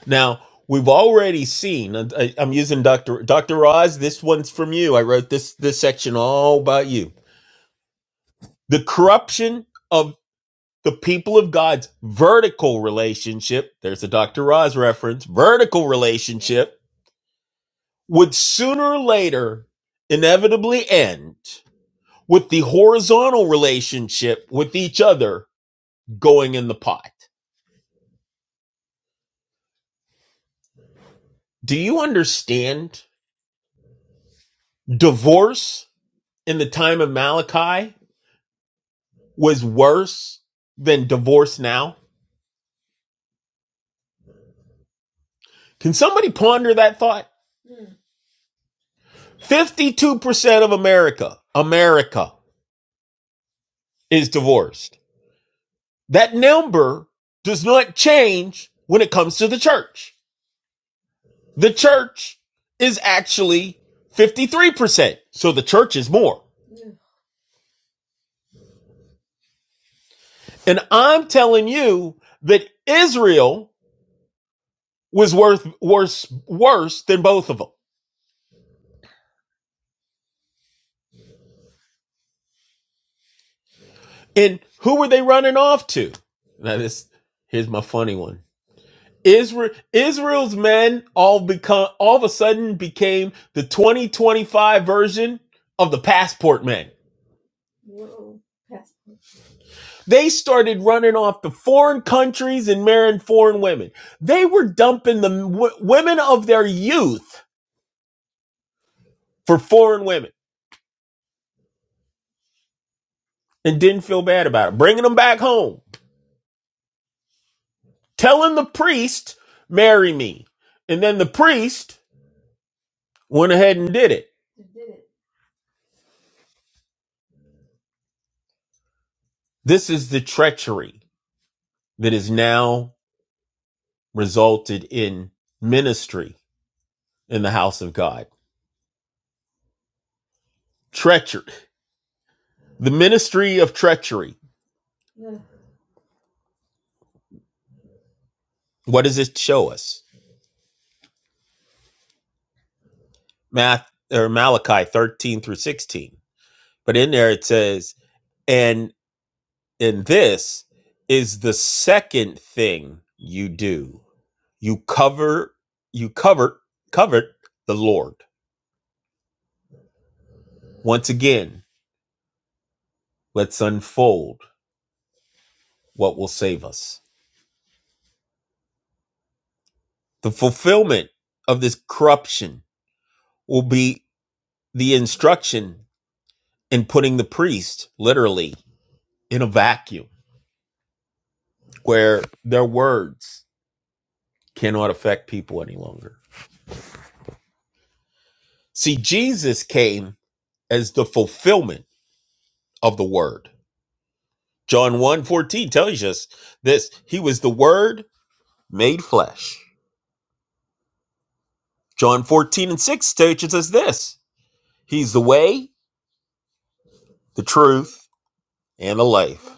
Speaker 3: Now, we've already seen. I, I'm using Doctor Doctor Roz. This one's from you. I wrote this this section all about you. The corruption of the people of God's vertical relationship. There's a Doctor Roz reference. Vertical relationship would sooner or later inevitably end with the horizontal relationship with each other going in the pot. Do you understand? Divorce in the time of Malachi was worse than divorce now. Can somebody ponder that thought? 52% of America, America is divorced. That number does not change when it comes to the church. The church is actually 53%. So the church is more. And I'm telling you that Israel was worth worse worse than both of them. And who were they running off to? Now this here's my funny one. Israel Israel's men all become all of a sudden became the 2025 version of the passport men. They started running off to foreign countries and marrying foreign women. They were dumping the w- women of their youth for foreign women and didn't feel bad about it, bringing them back home, telling the priest, marry me. And then the priest went ahead and did it. This is the treachery that has now resulted in ministry in the house of God. Treachery. The ministry of treachery. What does it show us? Math or Malachi 13 through 16. But in there it says, and in this is the second thing you do. You cover, you cover, covered the Lord. Once again, let's unfold what will save us. The fulfillment of this corruption will be the instruction in putting the priest literally in a vacuum where their words cannot affect people any longer. See, Jesus came as the fulfillment of the word. John one 14 tells us this. He was the word made flesh. John 14 and 6 teaches us this. He's the way, the truth, and the life.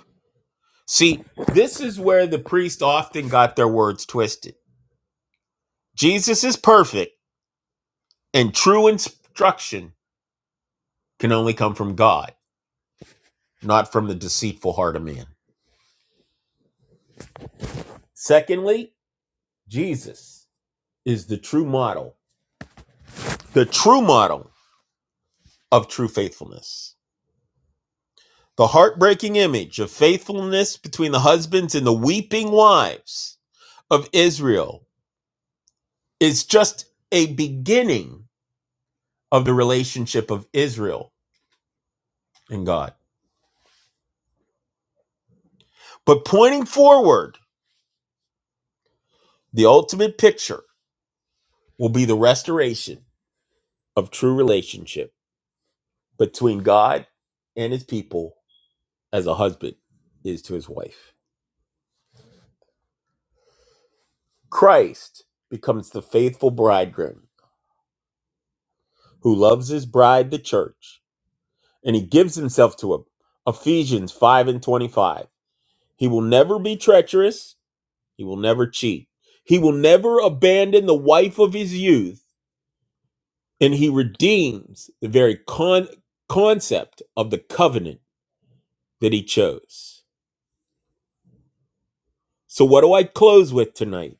Speaker 3: See, this is where the priest often got their words twisted. Jesus is perfect, and true instruction can only come from God, not from the deceitful heart of man. Secondly, Jesus is the true model the true model of true faithfulness. The heartbreaking image of faithfulness between the husbands and the weeping wives of Israel is just a beginning of the relationship of Israel and God. But pointing forward, the ultimate picture will be the restoration of true relationship between God and his people as a husband is to his wife. Christ becomes the faithful bridegroom who loves his bride, the church, and he gives himself to him. Ephesians 5 and 25. He will never be treacherous. He will never cheat. He will never abandon the wife of his youth. And he redeems the very con- concept of the covenant that he chose. So, what do I close with tonight?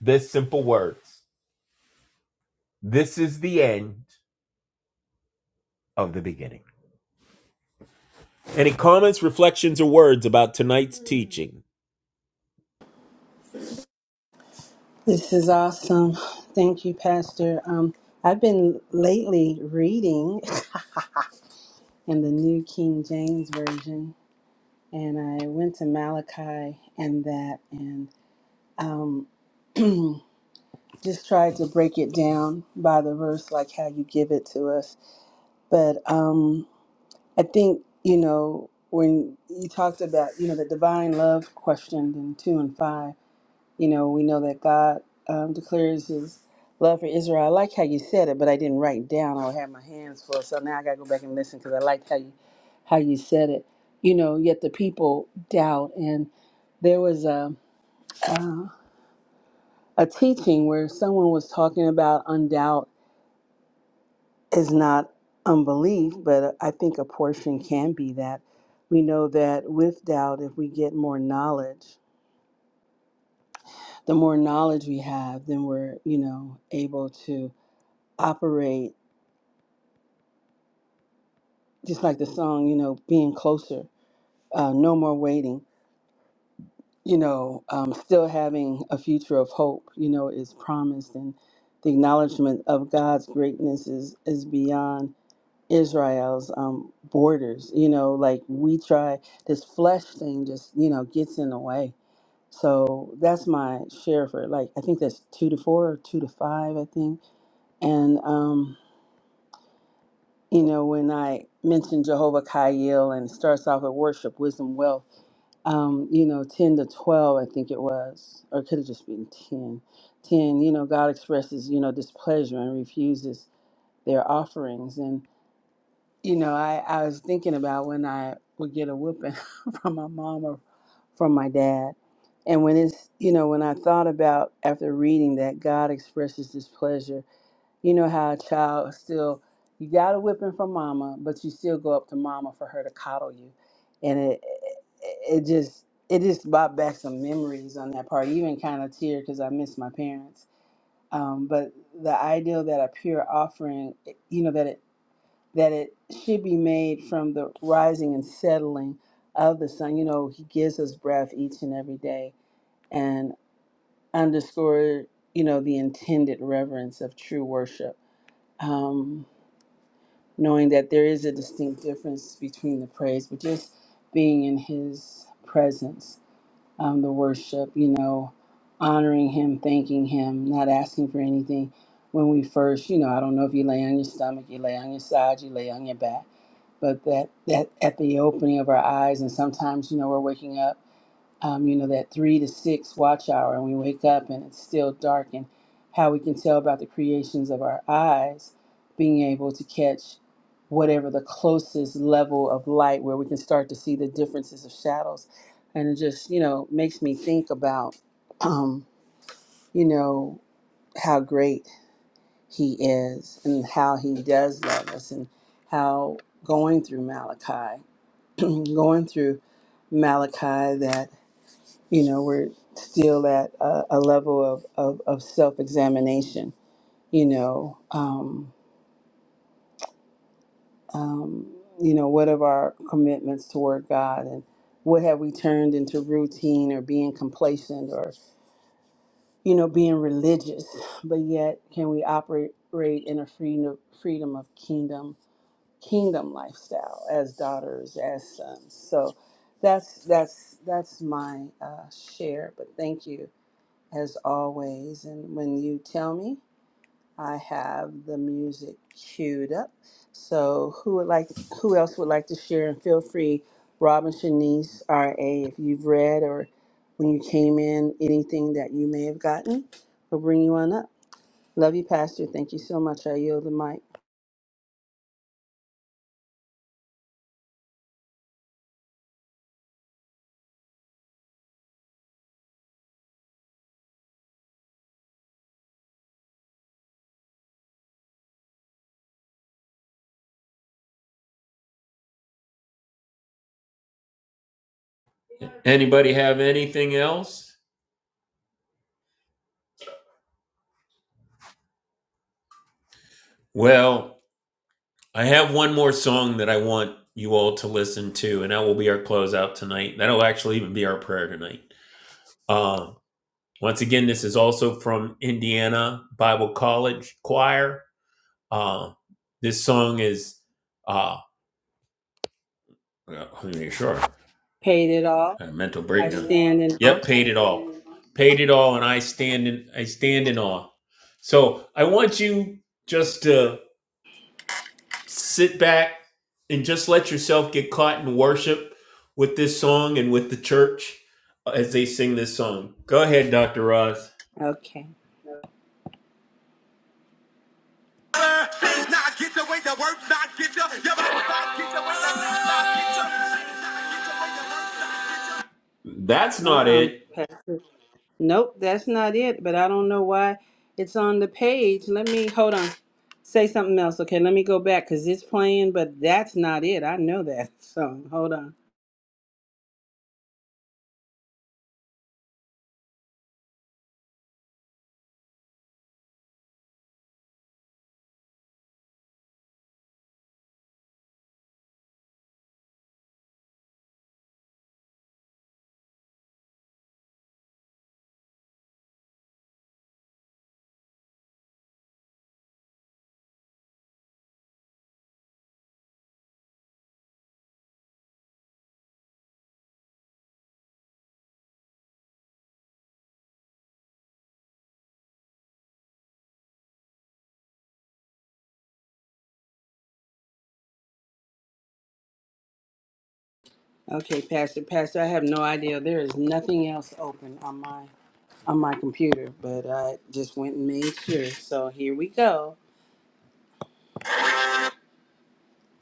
Speaker 3: This simple words This is the end of the beginning. Any comments, reflections, or words about tonight's teaching?
Speaker 1: This is awesome. Thank you, Pastor. Um, I've been lately reading in the New King James Version, and I went to Malachi and that, and just tried to break it down by the verse, like how you give it to us. But um, I think, you know, when you talked about, you know, the divine love questioned in 2 and 5, you know, we know that God um, declares his love for Israel. I like how you said it, but I didn't write it down. I had my hands full. So now I got to go back and listen because I liked how you, how you said it. You know, yet the people doubt. And there was a, uh, a teaching where someone was talking about undoubt is not unbelief, but I think a portion can be that. We know that with doubt, if we get more knowledge, the more knowledge we have, then we're, you know, able to operate, just like the song, you know, being closer, uh, no more waiting, you know, um, still having a future of hope, you know, is promised. And the acknowledgement of God's greatness is, is beyond. Israel's um, borders. You know, like we try this flesh thing just you know gets in the way. So that's my share for like I think that's two to four or two to five I think. And um, you know when I mentioned Jehovah Kaiel and it starts off with worship, wisdom, wealth. Um, you know, ten to twelve I think it was, or it could have just been ten. Ten, you know, God expresses you know displeasure and refuses their offerings You know, I, I was thinking about when I would get a whooping from my mom or from my dad. And when it's, you know, when I thought about after reading that God expresses his pleasure, you know how a child still, you got a whipping from mama, but you still go up to mama for her to coddle you. And it, it just, it just brought back some memories on that part, even kind of tear because I miss my parents. Um, but the idea that a pure offering, you know, that it that it should be made from the rising and settling of the sun. You know, he gives us breath each and every day and underscore, you know, the intended reverence of true worship. Um, knowing that there is a distinct difference between the praise, but just being in his presence um, the worship, you know, honoring him, thanking him, not asking for anything. When we first, you know, I don't know if you lay on your stomach, you lay on your side, you lay on your back, but that, that at the opening of our eyes, and sometimes, you know, we're waking up um, you know, that three to six watch hour and we wake up and it's still dark and how we can tell about the creations of our eyes, being able to catch whatever the closest level of light where we can start to see the differences of shadows. And it just, you know, makes me think about, um, you know, how great he is and how he does love us and how going through Malachi, going through Malachi that you know we're still at a, a level of, of, of self-examination you know um, um, you know what of our commitments toward god and what have we turned into routine or being complacent or you know being religious but yet can we operate in a freedom freedom of kingdom kingdom lifestyle as daughters as sons so that's that's that's my uh, share but thank you as always. And when you tell me, I have the music queued up. So who would like? Who else would like to share? And feel free, Robin, Shanice, R.A. If you've read or when you came in, anything that you may have gotten, we'll bring you on up. Love you, Pastor. Thank you so much. I yield the mic.
Speaker 3: Anybody have anything else? Well, I have one more song that I want you all to listen to, and that will be our closeout tonight. That'll actually even be our prayer tonight. Um, once again, this is also from Indiana Bible College Choir. Uh, this song is, uh, well, let me make sure,
Speaker 1: Paid it all.
Speaker 3: a mental
Speaker 1: I
Speaker 3: breakdown.
Speaker 1: stand in awe.
Speaker 3: Yep, paid it all. Paid it all, and I stand in, I stand in awe. So I want you just to sit back and just let yourself get caught in worship with this song and with the church uh, as they sing this song. Go ahead, Dr. Ross.
Speaker 1: Okay. Things not get your way, the words not get you. Your mind not get your way, the words not get your, things not get you.
Speaker 3: That's not
Speaker 1: Uh-uh,
Speaker 3: it.
Speaker 1: Pastor. Nope, that's not it. But I don't know why it's on the page. Let me hold on. Say something else. Okay, let me go back because it's playing, but that's not it. I know that. So hold on. Okay, Pastor, Pastor, I have no idea. There is nothing else open on my on my computer, but I just went and made sure. So here we go.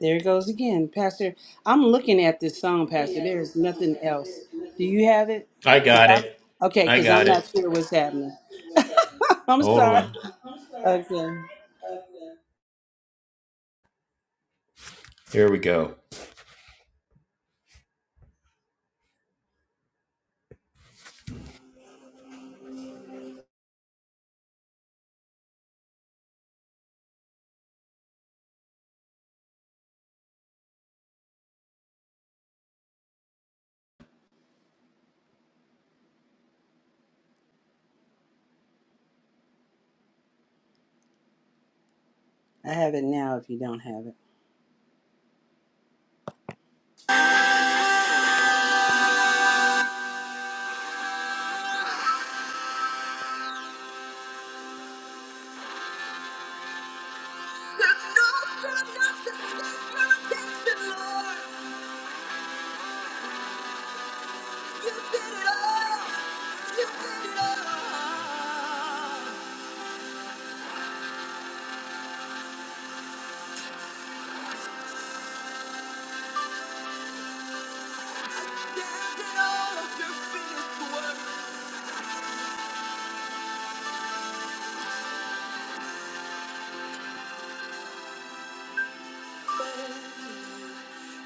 Speaker 1: There it goes again. Pastor, I'm looking at this song, Pastor. There is nothing else. Do you have it?
Speaker 3: I
Speaker 1: Cause
Speaker 3: got
Speaker 1: I'm,
Speaker 3: it.
Speaker 1: okay,
Speaker 3: I
Speaker 1: because I'm
Speaker 3: got it.
Speaker 1: not sure what's happening. I'm
Speaker 3: Hold
Speaker 1: sorry.
Speaker 3: on.
Speaker 1: Okay.
Speaker 3: Here we go.
Speaker 1: I have it now if you don't have it.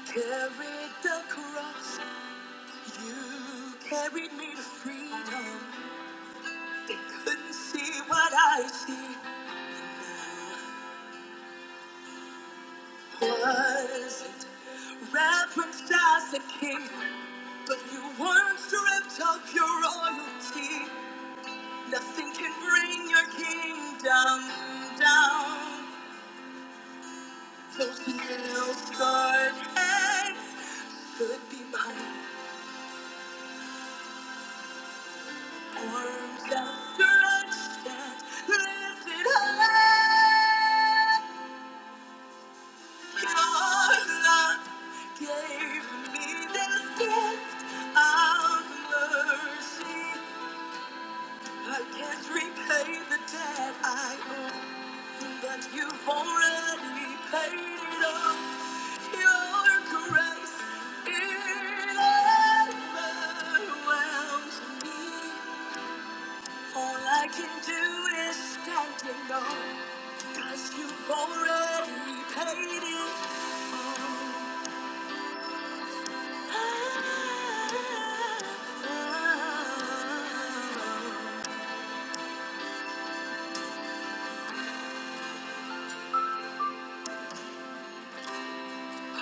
Speaker 1: Carried the cross, you carried me to freedom. They couldn't see what I see. Wasn't referenced as a king, but you weren't stripped of your royalty. Nothing can bring your kingdom down. Those hills, scarred heads could be mine. Arms outstretched and lifted high. Your love gave me this gift of mercy. I can't repay the debt I owe, but you've already paid it off. Your grace, it overwhelms me. All I can do is stand and know, you you've already paid it all. Ah, ah. ah.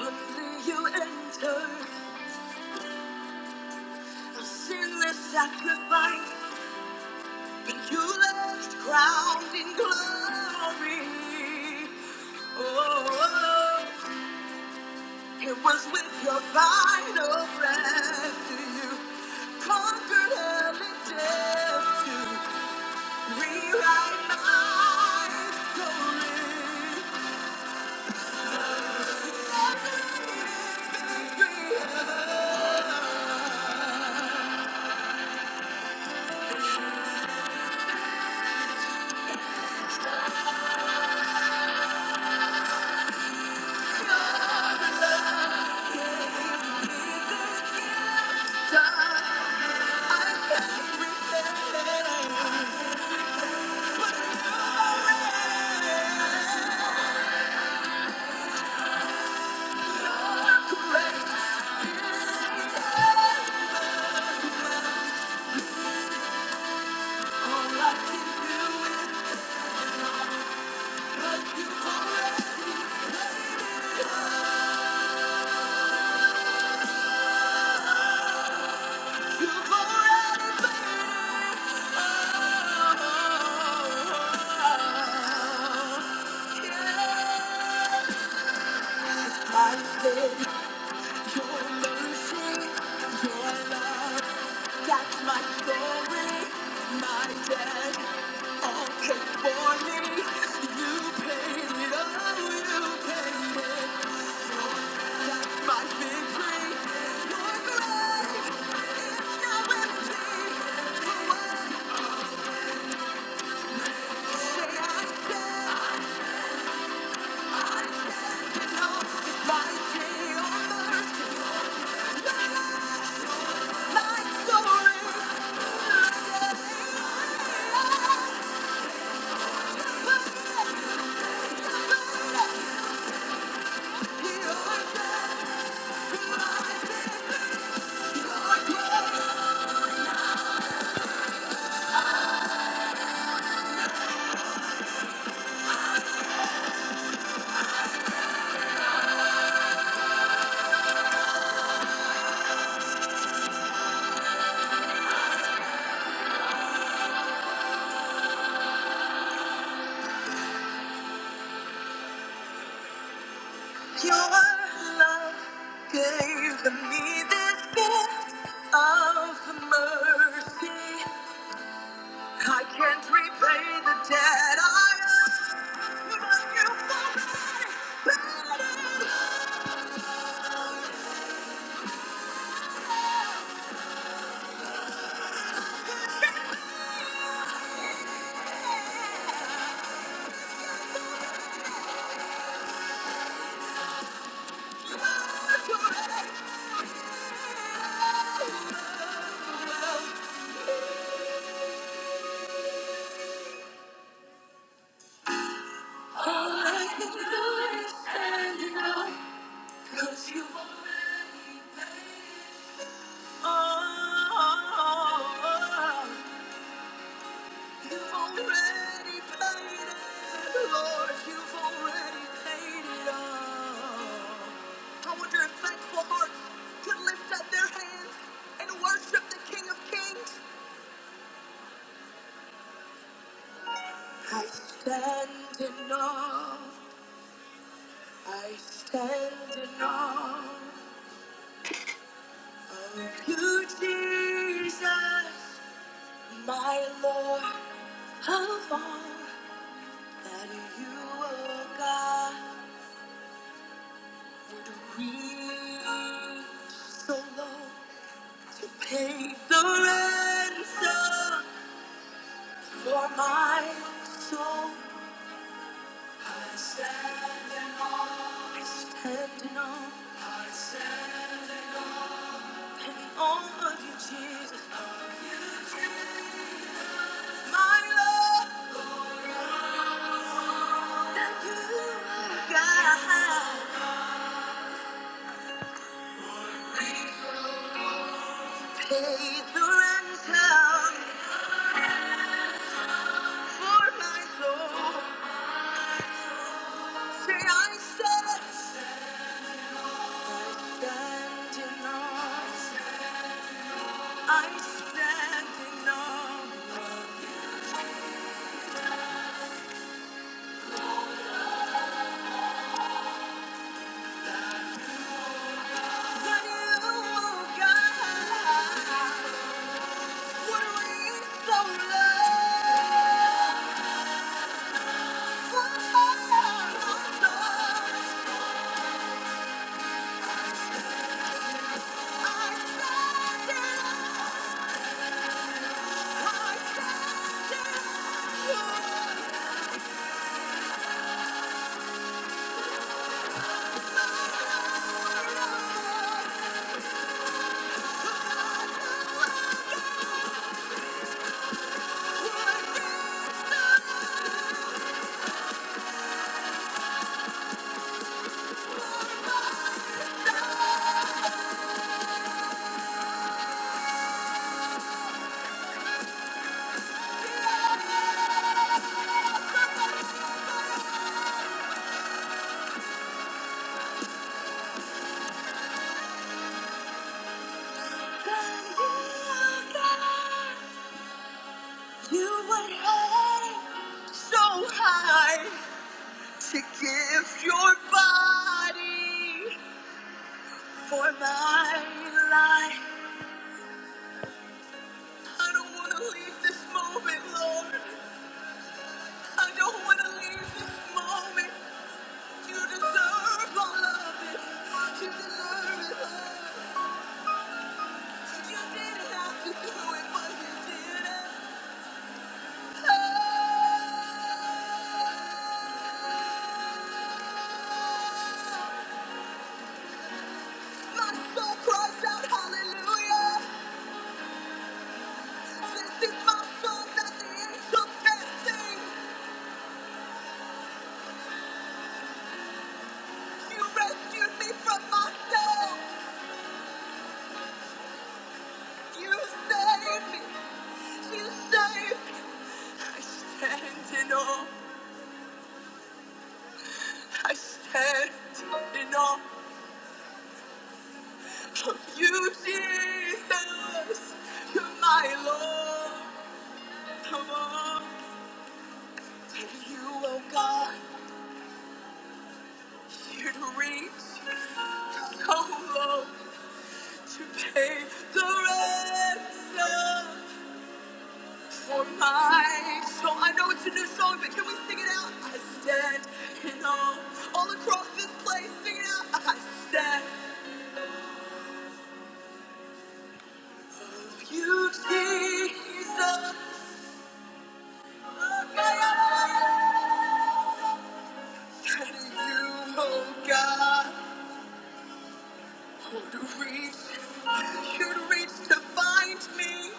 Speaker 1: Only you enter A sinless sacrifice, and you left crowned in glory. Oh, it was with your final breath that you conquered hell and death to rewrite my story. All I can do, I say, your mercy, your love. That's my story, my debt, all paid for me. You paid it all, you paid it. That's my victory. Your grave, it's now empty. The words say I stand, I stand to know it's my day of mercy. My life, my story, my day. Your love gave me this gift of mercy. I can't repay the debt I owe, but you provided better. All I can do is stand in awe, 'cause you already paid. Oh. oh, oh, oh. You've already paid it, Lord. You've already paid it all. I wonder if thankful hearts could lift up their hands and worship the King of Kings. I stand in awe. I stand in awe of you, Jesus, my Lord of all. That you are God. So long to pay the ransom for my soul. I stand in awe. I stand in awe. I stand in awe. In awe of you, Jesus. Of you, Jesus. My Lord, that you, God, pay the ransom for my soul. Say I stand. Stand in I stand in awe you, God, would reach so low. For my love. You would hate so high to give your body for my life. I don't want to leave this moment, Lord. I don't want to leave this moment. You deserve all of it. You deserve it, Lord. You didn't have to do it, but you did it. Oh, my soul cries out, hallelujah. This is my song that the angels can sing. You You You rescued me me. me. from myself. You saved me. You saved me. I stand in awe I stand in awe of you, Jesus. You're my Lord. Come on. And you, oh God, here to reach so low to pay the ransom. my soul. I know it's a new song, but can we sing it out? I stand in awe all across this place. Sing it out. I stand. with You, Jesus. Oh God, And you, oh God, who to reach, you to reach to find me.